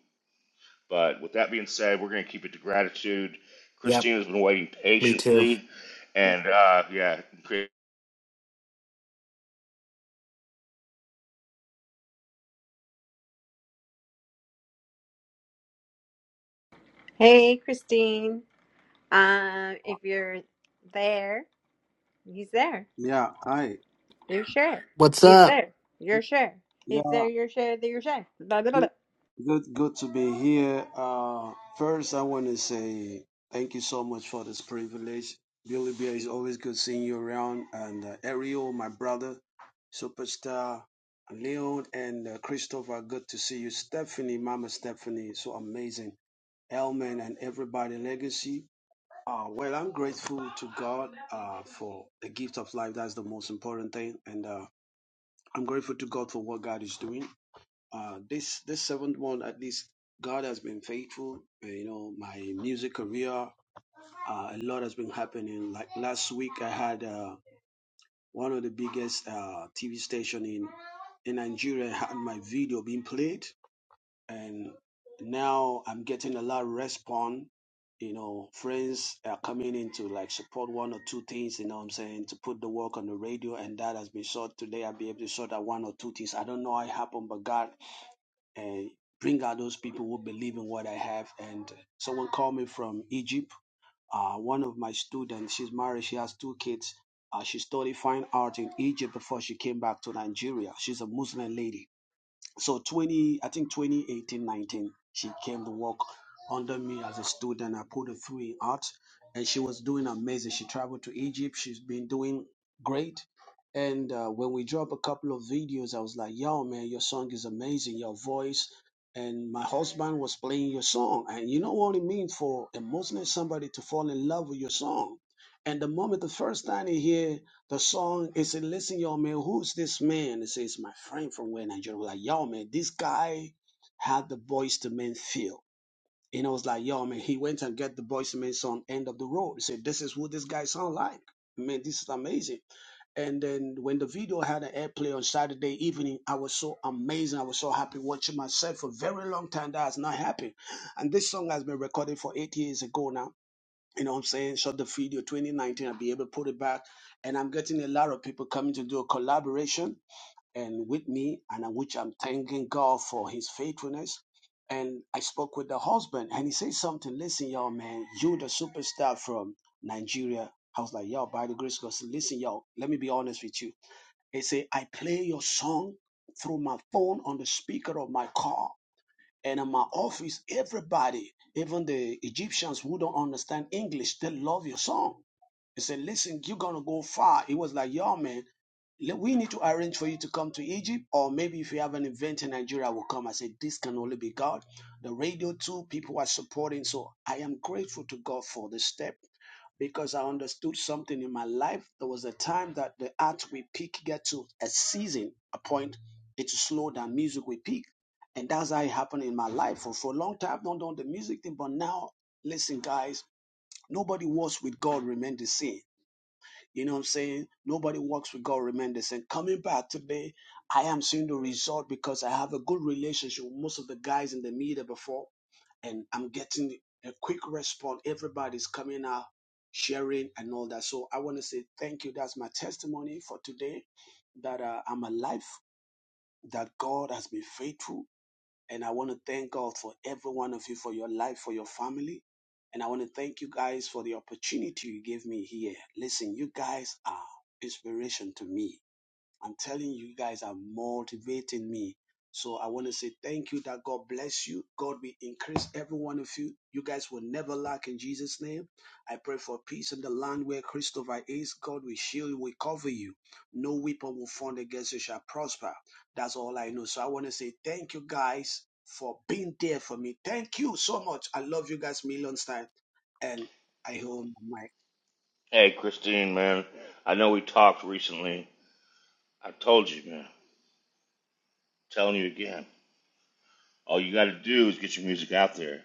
But with that being said, we're going to keep it to gratitude. Yep. Christine has been waiting Me too. patiently. And uh, yeah, Hey, Christine. Um, if you're there, he's there. Yeah, hi. You're sure. What's He's up? there. You're sure. Yeah, He's there. You're sure. You're sure. Blah, blah, blah. good, good to be here. Uh, first, I want to say thank you so much for this privilege. Billy Bear is always good seeing you around, and uh, Ariel, my brother, superstar, Leon, and uh, Christopher. Good to see you, Stephanie, Mama Stephanie, so amazing. Elman and everybody, Legacy. Uh, well, I'm grateful to God uh, for the gift of life. That's the most important thing, and uh, I'm grateful to God for what God is doing. uh, this this seventh one at least God has been faithful. Uh, You know, my music career, uh, a lot has been happening. Like last week, I had uh, one of the biggest uh, TV station in in Nigeria had my video being played, and now I'm getting a lot of response. You know, friends are coming in to like support one or two things. You know, what I'm saying to put the work on the radio, and that has been shot today. I'll be able to sort out one or two things. I don't know how it happened, but God and bring out those people who believe in what I have. And someone called me from Egypt. Uh, one of my students, she's married, she has two kids. Uh, she studied fine art in Egypt before she came back to Nigeria. She's a Muslim lady so 20 i think 2018 19 she came to work under me as a student i put her through in art and she was doing amazing she traveled to egypt she's been doing great and uh, when we dropped a couple of videos i was like yo man your song is amazing your voice and my husband was playing your song and you know what it means for a muslim somebody to fall in love with your song and the moment the first time he hear the song is said, listen, y'all, man, who's this man? It says, my friend from where Nigeria. We're like, y'all, man, this guy had the voice to men feel. And I was like, yo, man, he went and get the voice to men song, End of the Road. He said, this is who this guy sound like. Man, this is amazing. And then when the video had an airplay on Saturday evening, I was so amazing. I was so happy watching myself for a very long time. That has not happened. And this song has been recorded for eight years ago now you know what I'm saying, shot the video 2019, I'll be able to put it back. And I'm getting a lot of people coming to do a collaboration and with me, and I- which I'm thanking God for his faithfulness. And I spoke with the husband and he said something, listen, y'all, man, you the superstar from Nigeria. I was like, y'all, by the grace of God, I said, listen, y'all, let me be honest with you. He said, I play your song through my phone on the speaker of my car and in my office, everybody, even the Egyptians who don't understand English, they love your song he said, Listen, you're going to go far. He was like, Yo, man, le- we need to arrange for you to come to Egypt, or maybe if you have an event in Nigeria, we'll come. I said, This can only be God. The radio, too, people are supporting. So I am grateful to God for this step because I understood something in my life. There was a time that the art we pick get to a season, a point, it's slow than music we pick. And that's how it happened in my life. For, for a long time, I've not done the music thing, but now, listen, guys, nobody was with God remain the same you know what I'm saying? Nobody walks with God, remain the same. Coming back today, I am seeing the result because I have a good relationship with most of the guys in the media before, and I'm getting a quick response. Everybody's coming out, sharing, and all that. So I want to say thank you. That's my testimony for today that uh, I'm alive, that God has been faithful, and I want to thank God for every one of you, for your life, for your family. And I want to thank you guys for the opportunity you gave me here. Listen, you guys are inspiration to me I'm telling you, you guys are motivating me. So I want to say thank you that God bless you. God will increase every one of you. You guys will never lack in Jesus' name. I pray for peace in the land where Christopher is. God will shield you, will cover you. No weapon will form against you shall prosper. That's all I know. So I want to say thank you guys for being there for me. Thank you so much. I love you guys millions time. And I hold my mic. hey, Christine, man, I know we talked recently. I told you, man, telling you again. All you got to do is get your music out there.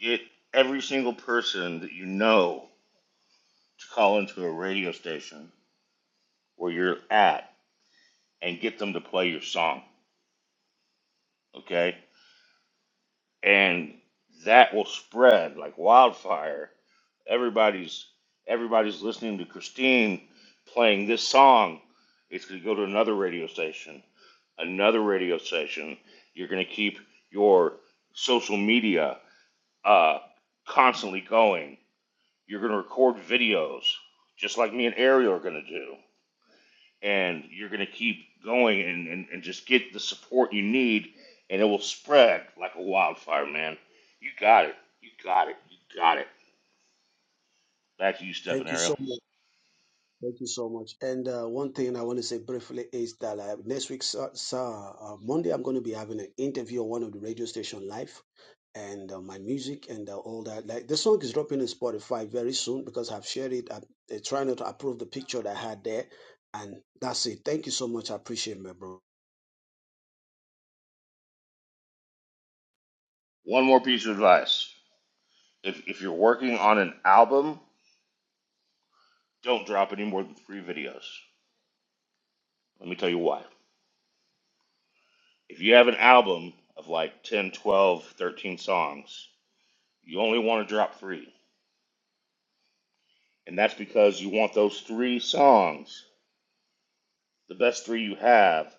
Get every single person that you know to call into a radio station where you're at and get them to play your song okay? And that will spread like wildfire. Everybody's everybody's listening to Christine playing this song. It's going to go to another radio station, another radio station. You're going to keep your social media uh, constantly going. You're going to record videos, just like me and Ariel are going to do and you're going to keep going and, and, and just get the support you need, and it will spread like a wildfire, man. You got it. You got it. You got it. Back to you, Stephen Thank you Ariel. so much. Thank you so much. And uh, one thing I want to say briefly is that uh, next week, sir, sir, uh, Monday, I'm going to be having an interview on one of the radio station live, and uh, my music and uh, all that. Like the song is dropping in Spotify very soon because I've shared it. I'm uh, trying to approve the picture that I had there, and that's it. Thank you so much. I appreciate, my bro. One more piece of advice. If, if you're working on an album, don't drop any more than three videos. Let me tell you why. If you have an album of like 10, 12, 13 songs, you only want to drop three. And that's because you want those three songs, the best three you have,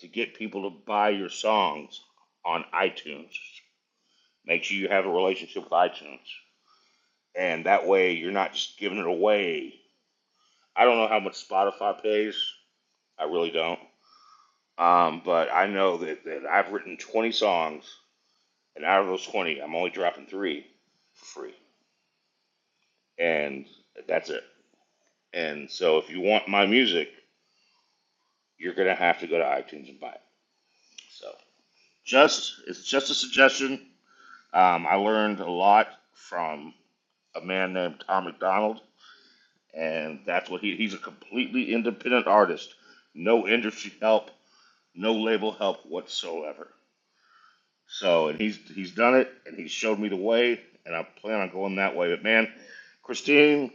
to get people to buy your songs on iTunes. Make sure you have a relationship with iTunes. And that way you're not just giving it away. I don't know how much Spotify pays. I really don't. Um, but I know that, that I've written 20 songs, and out of those 20, I'm only dropping three for free. And that's it. And so if you want my music, you're going to have to go to iTunes and buy it. So just, it's just a suggestion. Um, I learned a lot from a man named Tom McDonald, and that's what he, he's a completely independent artist. No industry help, no label help whatsoever. So and he's he's done it, and he showed me the way, and I plan on going that way. But man, Christine,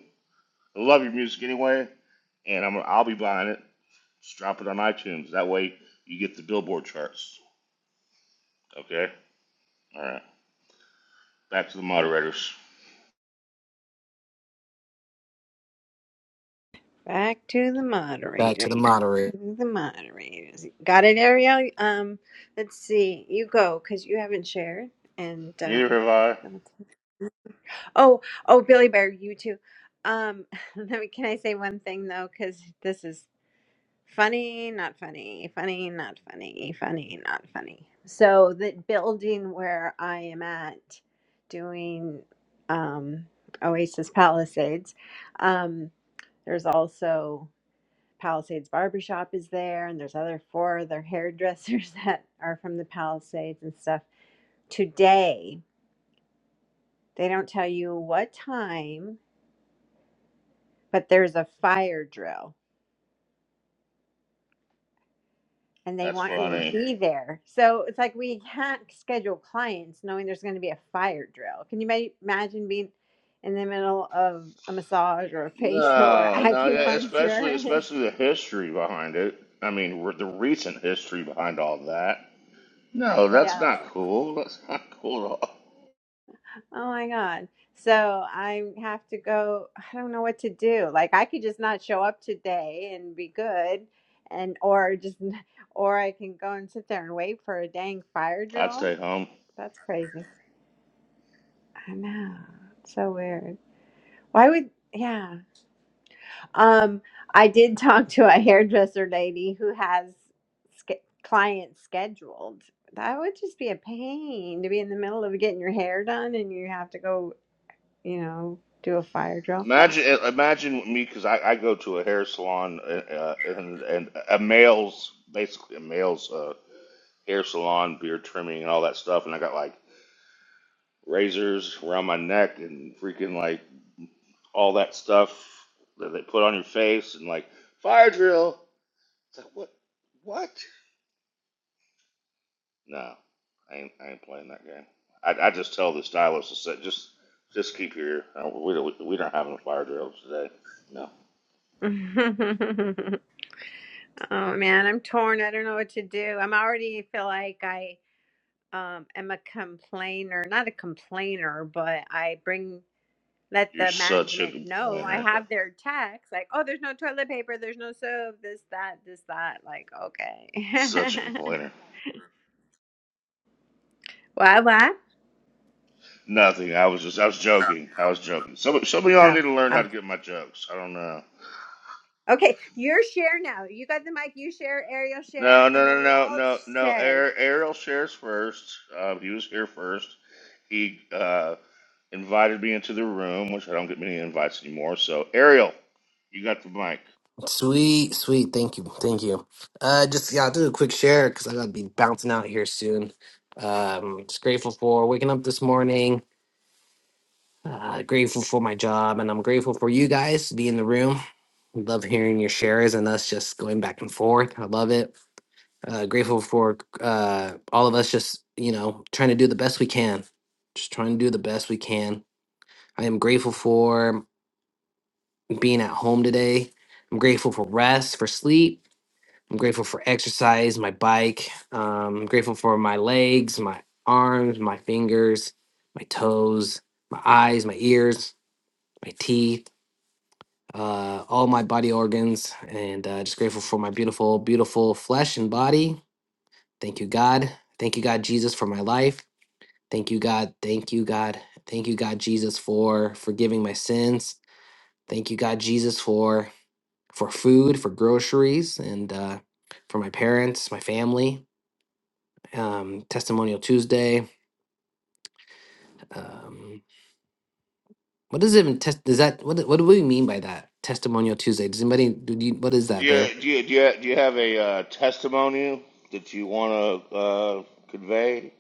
I love your music anyway, and I'm I'll be buying it. Just drop it on iTunes. That way you get the Billboard charts. Okay. All right. Back to the moderators. Back to the Back moderator. to the moderator. To The moderators. Got it, Ariel? Um, let's see. You go because you haven't shared. And um, Neither have I. oh, oh, Billy Bear, you too. Um, [laughs] let me. Can I say one thing though? Because this is Funny, not funny, funny, not funny, funny, not funny. So the building where I am at doing um, Oasis Palisades, um, there's also Palisades Barbershop is there, and there's other four other hairdressers [laughs] that are from the Palisades and stuff. Today, they don't tell you what time, but there's a fire drill and they That's want you to funny. be there. So it's like we can't schedule clients knowing there's going to be a fire drill. Can you ma- imagine being in the middle of a massage or a [laughs] facial or No, no, yeah, especially acupuncture? especially the history behind it. I mean, re- the recent history behind all that. [laughs] No, I that's not know. cool. That's not cool at all. Oh my God. So I have to go. I don't know what to do. Like I could just not show up today and be good and or just or I can go and sit there and wait for a dang fire I'd drill. stay home. That's crazy. I know. It's so weird. Why would yeah. Um, I did [laughs] talk to a hairdresser lady who has ske- clients scheduled. That would just be a pain to be in the middle of getting your hair done and you have to go, you know, do a fire drill. Imagine, uh, imagine me because I, I go to a hair salon uh, uh, and and a male's basically a male's uh, hair salon, beard trimming, and all that stuff, and I got like razors around my neck and freaking like all that stuff that they put on your face and like fire drill. It's like what? What? No, I ain't, I ain't playing that game. I, I just tell the stylist to say, just just keep your. uh, We don't we don't have a fire drill today. No, [laughs] oh man, I'm torn. I don't know what to do. I'm already feel like I um am a complainer, not a complainer, but I bring let you're the such a management know. I complainer. have their text, like, oh, there's no toilet paper, there's no soap, this, that, this, that. Like, Such a okay. complainer. [laughs] what, what? Nothing. I was just I was joking. I was joking. Some some of y'all Oh, need to learn how oh. to get my jokes. I don't know. Okay, your share now. You got the mic, you share, Ariel share, No no and then no we no all no no. shared Ar- Ariel shares first. Uh, he was here first. He uh, invited me into the room, which I don't get many invites anymore. So Ariel, you got the mic. Sweet, sweet. Thank you. Thank you. Uh, just, yeah, I'll do a quick share because I got to be bouncing out here soon. Um, just grateful for waking up this morning Uh, grateful for my job, and I'm grateful for you guys to be in the room. Love hearing your shares and us just going back and forth. I love it. Uh, grateful for uh, all of us just, you know, trying to do the best we can. Just trying to do the best we can. I am grateful for being at home today. I'm grateful for rest, for sleep. I'm grateful for exercise, my bike. Um, I'm grateful for my legs, my arms, my fingers, my toes, my eyes, my ears, my teeth. uh, all my body organs, and uh, just grateful for my beautiful, beautiful flesh and body. Thank you, God. Thank you, God, Jesus, for my life. Thank you, God. Thank you, God. Thank you, God, Jesus, for forgiving my sins. Thank you, God, Jesus, for for food, for groceries, and uh, for my parents, my family. Um, Testimonial Tuesday. Um, what does it even test? Does that what? do- What do we mean by that? Testimonial Tuesday. Does anybody? Do you, what is Do that, Bear? you do you do you, do you have a uh, testimony that you want to uh, convey?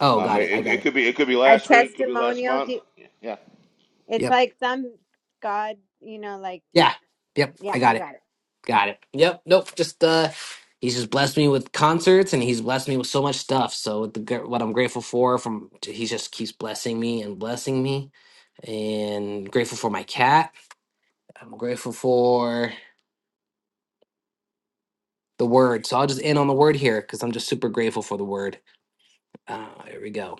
Oh, Um, got it. I it, got it it. could be it could be a last week, could be last testimonial. month. Do- Yeah. It's Yep. like some God, you know, like, Yeah. Yep. yeah, I got you it. got it. Got it. Yep. Nope. Just uh, he's just blessed me with concerts, and he's blessed me with so much stuff. So the gr- what I'm grateful for from he just keeps blessing me and blessing me, and grateful for my cat. I'm grateful for the word. So I'll just end on the word here because I'm just super grateful for the word. Uh, here we go.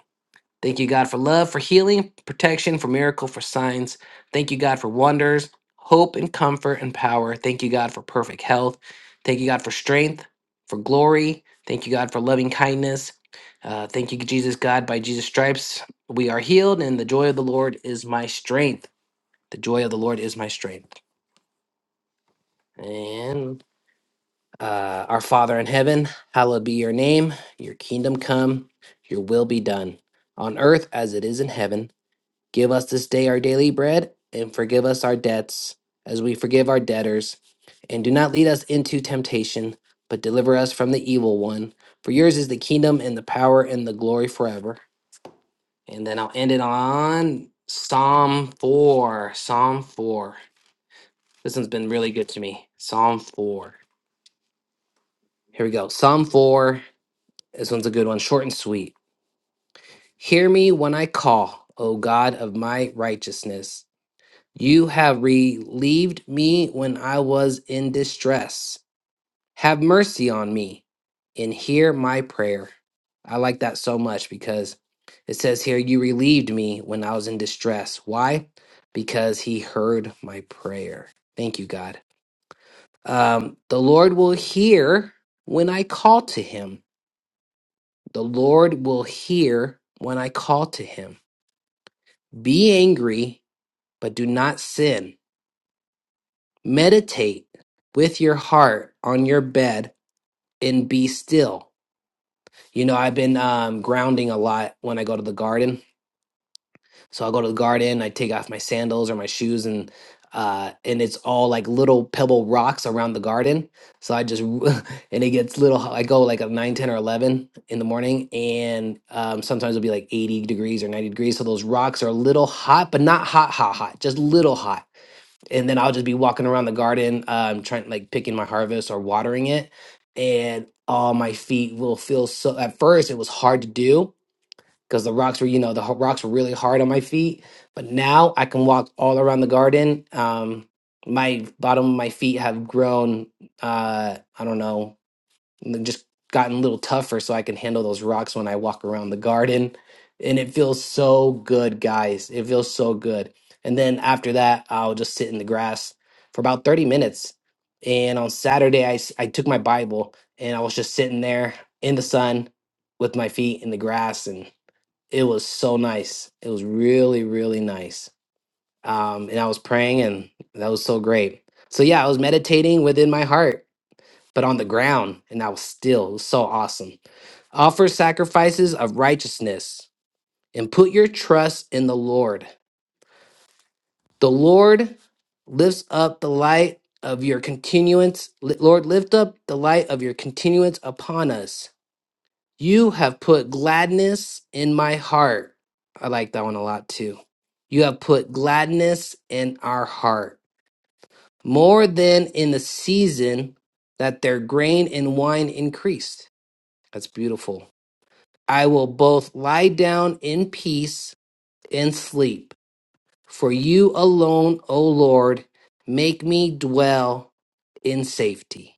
Thank you, God, for love, for healing, protection, for miracle, for signs. Thank you, God, for wonders, hope, and comfort and power. Thank you, God, for perfect health. Thank you, God, for strength, for glory. Thank you, God, for loving kindness. Uh, thank you, Jesus, God, by Jesus' stripes we are healed, and the joy of the Lord is my strength. The joy of the Lord is my strength. And uh, our Father in heaven, hallowed be your name. Your kingdom come, your will be done on earth as it is in heaven. Give us this day our daily bread, and forgive us our debts, as we forgive our debtors. And do not lead us into temptation, but deliver us from the evil one. For yours is the kingdom, and the power, and the glory forever. And then I'll end it on Psalm 4. Psalm 4. This one's been really good to me. Psalm 4. Here we go. Psalm 4. This one's a good one, short and sweet. Hear me when I call, O God of my righteousness. You have relieved me when I was in distress. Have mercy on me and hear my prayer. I like that so much because it says here, You relieved me when I was in distress. Why? Because he heard my prayer. Thank you, God. Um, the Lord will hear when I call to him. The Lord will hear when I call to him. Be angry, but do not sin. meditate with your heart on your bed and be still. You know, I've been um, grounding a lot when I go to the garden. So I go to the garden, I take off my sandals or my shoes, and uh, and it's all like little pebble rocks around the garden. So I just [laughs] and it gets little. I go like a 9, 10, or eleven in the morning, and um, sometimes it'll be like eighty degrees or ninety degrees. So those rocks are a little hot, but not hot, hot, hot. Just little hot and then I'll just be walking around the garden, um, trying like picking my harvest or watering it, and all my feet will feel so. At first, it was hard to do because the rocks were, you know, the ho- rocks were really hard on my feet. But now I can walk all around the garden. Um, my bottom of my feet have grown. Uh, I don't know and they've just gotten a little tougher so I can handle those rocks when I walk around the garden. And it feels so good, guys. It feels so good. And then after that, I'll just sit in the grass for about 30 minutes. And on Saturday, I, s- I took my Bible and I was just sitting there in the sun with my feet in the grass. And it was so nice. It was really, really nice. Um, and I was praying, and that was so great. So, yeah, I was meditating within my heart but on the ground, and I was still it was so awesome. Offer sacrifices of righteousness and put your trust in the Lord. The Lord lifts up the light of your continuance. Li- Lord, lift up the light of your continuance upon us. You have put gladness in my heart. I like that one a lot too. You have put gladness in our heart more than in the season that their grain and wine increased. That's beautiful. I will both lie down in peace and sleep. For you alone, O Lord, make me dwell in safety.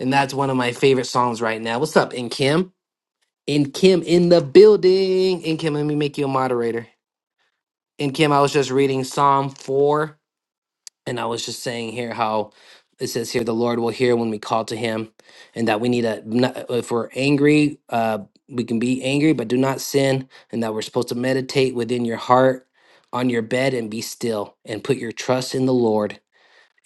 And that's one of my favorite songs right now. What's up, In Kim? In Kim in the building. In Kim, let me make you a moderator. In Kim, I was just reading Psalm 4 And I was just saying here how it says here the Lord will hear when we call to Him, and that we need a. not, uh, if we're angry, uh, we can be angry, but do not sin, and that we're supposed to meditate within your heart on your bed and be still and put your trust in the Lord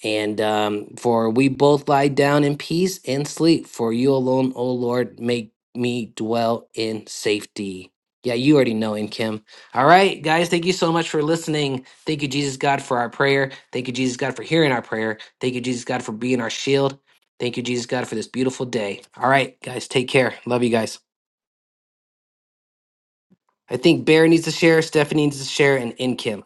and um, for we both lie down in peace and sleep, for you alone, O Lord, make me dwell in safety. Yeah, you already know in Kim. All right, guys, thank you so much for listening. Thank you, Jesus God, for our prayer. Thank you, Jesus God, for hearing our prayer. Thank you, Jesus God, for being our shield. Thank you, Jesus God, for this beautiful day. All right, guys, take care. Love you guys. I think Bear needs to share, Stephanie needs to share, and in Kim.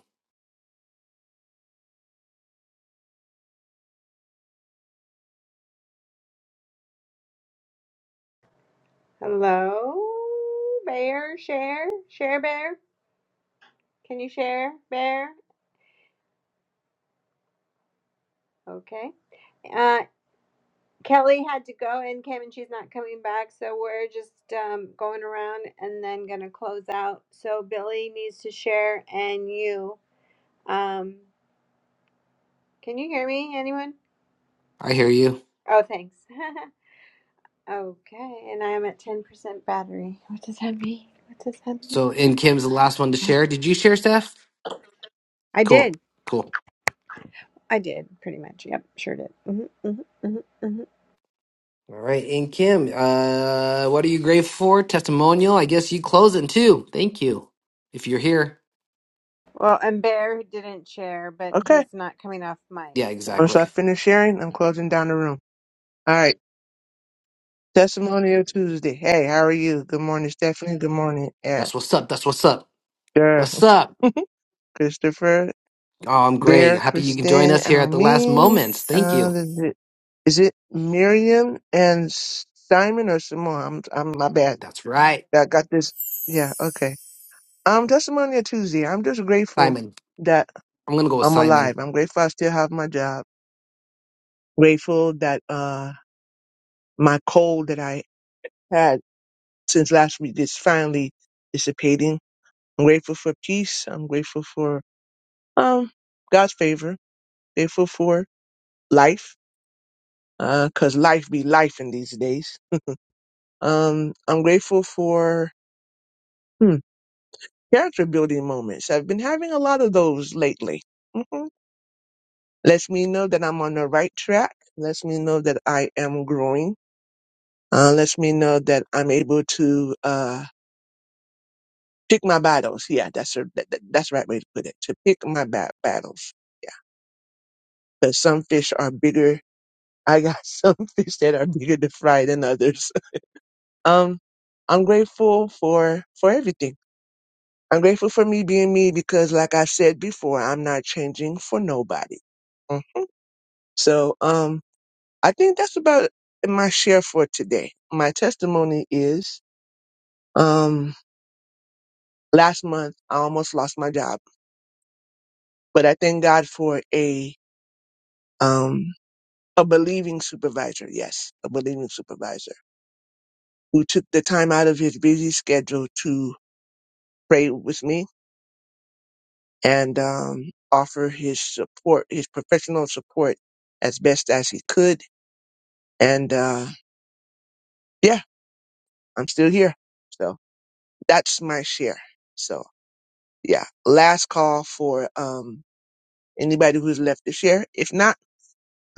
Hello, Bear, share, share, Bear. Can you share, Bear? Okay. Uh, Kelly had to go and came and she's not coming back, so we're just um, going around and then gonna close out. So Billy needs to share, and you, um, can you hear me? Anyone? I hear you. Oh, thanks. [laughs] okay, and I am at ten percent battery. What does that mean? What does that mean? So in Kim's the last one to share. Did you share, Steph? I Cool, did. cool. I did pretty much. Yep, sure did. hmm hmm hmm hmm All right, and Kim, uh, what are you grateful for? Testimonial. I guess you closing too. Thank you. If you're here, Well, and Bear didn't share, but Okay. he's not coming off mic, yeah, so. Once exactly. I finish sharing, I'm closing down the room. All right. Testimonial Tuesday. Hey, how are you? Good morning, Stephanie. Good morning, yeah. That's [laughs] what's up. That's what's up. Sure. What's up? Christopher, Oh, I'm great. Bear, Happy you can join Kristen, us here at the last Almin. moments. Thank Uh, you. is it is it Miriam and Simon or Simone? I'm, I'm my bad. That's right, I got this. Yeah. Okay. Um, Testimonial Tuesday. I'm just grateful Simon. that I'm gonna go with I'm Simon. alive. I'm grateful I still have my job. Grateful that uh my cold that I had since last week is finally dissipating. I'm grateful for peace. I'm grateful for um God's favor. Grateful for life, uh, cause life be life in these days. Um, I'm grateful for hmm, character building moments. I've been having a lot of those lately. hmm Lets me know that I'm on the right track. Lets me know that I am growing. Uh, lets me know that I'm able to uh pick my battles. Yeah, that's a, that, that- that's the right way to put it. To pick my ba- battles because some fish are bigger. I got [laughs] some fish that are bigger to fry than others. [laughs] Um, I'm grateful for for everything. I'm grateful for me being me because, like I said before, I'm not changing for nobody. Mhm. So, um, I think that's about my share for today. My testimony is, um, last month I almost lost my job, but I thank God for a um a believing supervisor. Yes, a believing supervisor who took the time out of his busy schedule to pray with me and um, offer his support, his professional support as best as he could. And uh, yeah, I'm still here. So that's my share. So yeah, last call for um, anybody who's left to share. If not,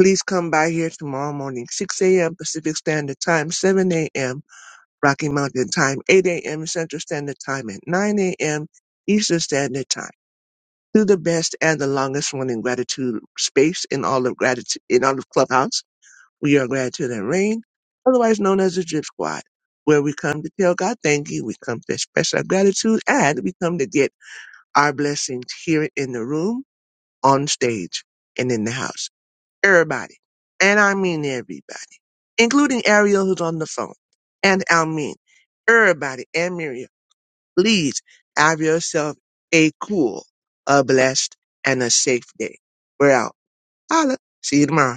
please come by here tomorrow morning, 6 a.m. Pacific Standard Time, 7 a.m. Rocky Mountain Time, 8 a.m. Central Standard Time, and 9 a.m. Eastern Standard Time. to the best and the longest running gratitude space in all of gratitude in all of Clubhouse. We are Gratitude and Rain, otherwise known as the Drip Squad, where we come to tell God thank you, we come to express our gratitude, and we come to get our blessings here in the room, on stage, and in the house. Everybody. And I mean everybody, including Ariel who's on the phone, and Almin, everybody, and Miriam. Please have yourself a cool, a blessed, and a safe day. We're out. Holla. See you tomorrow.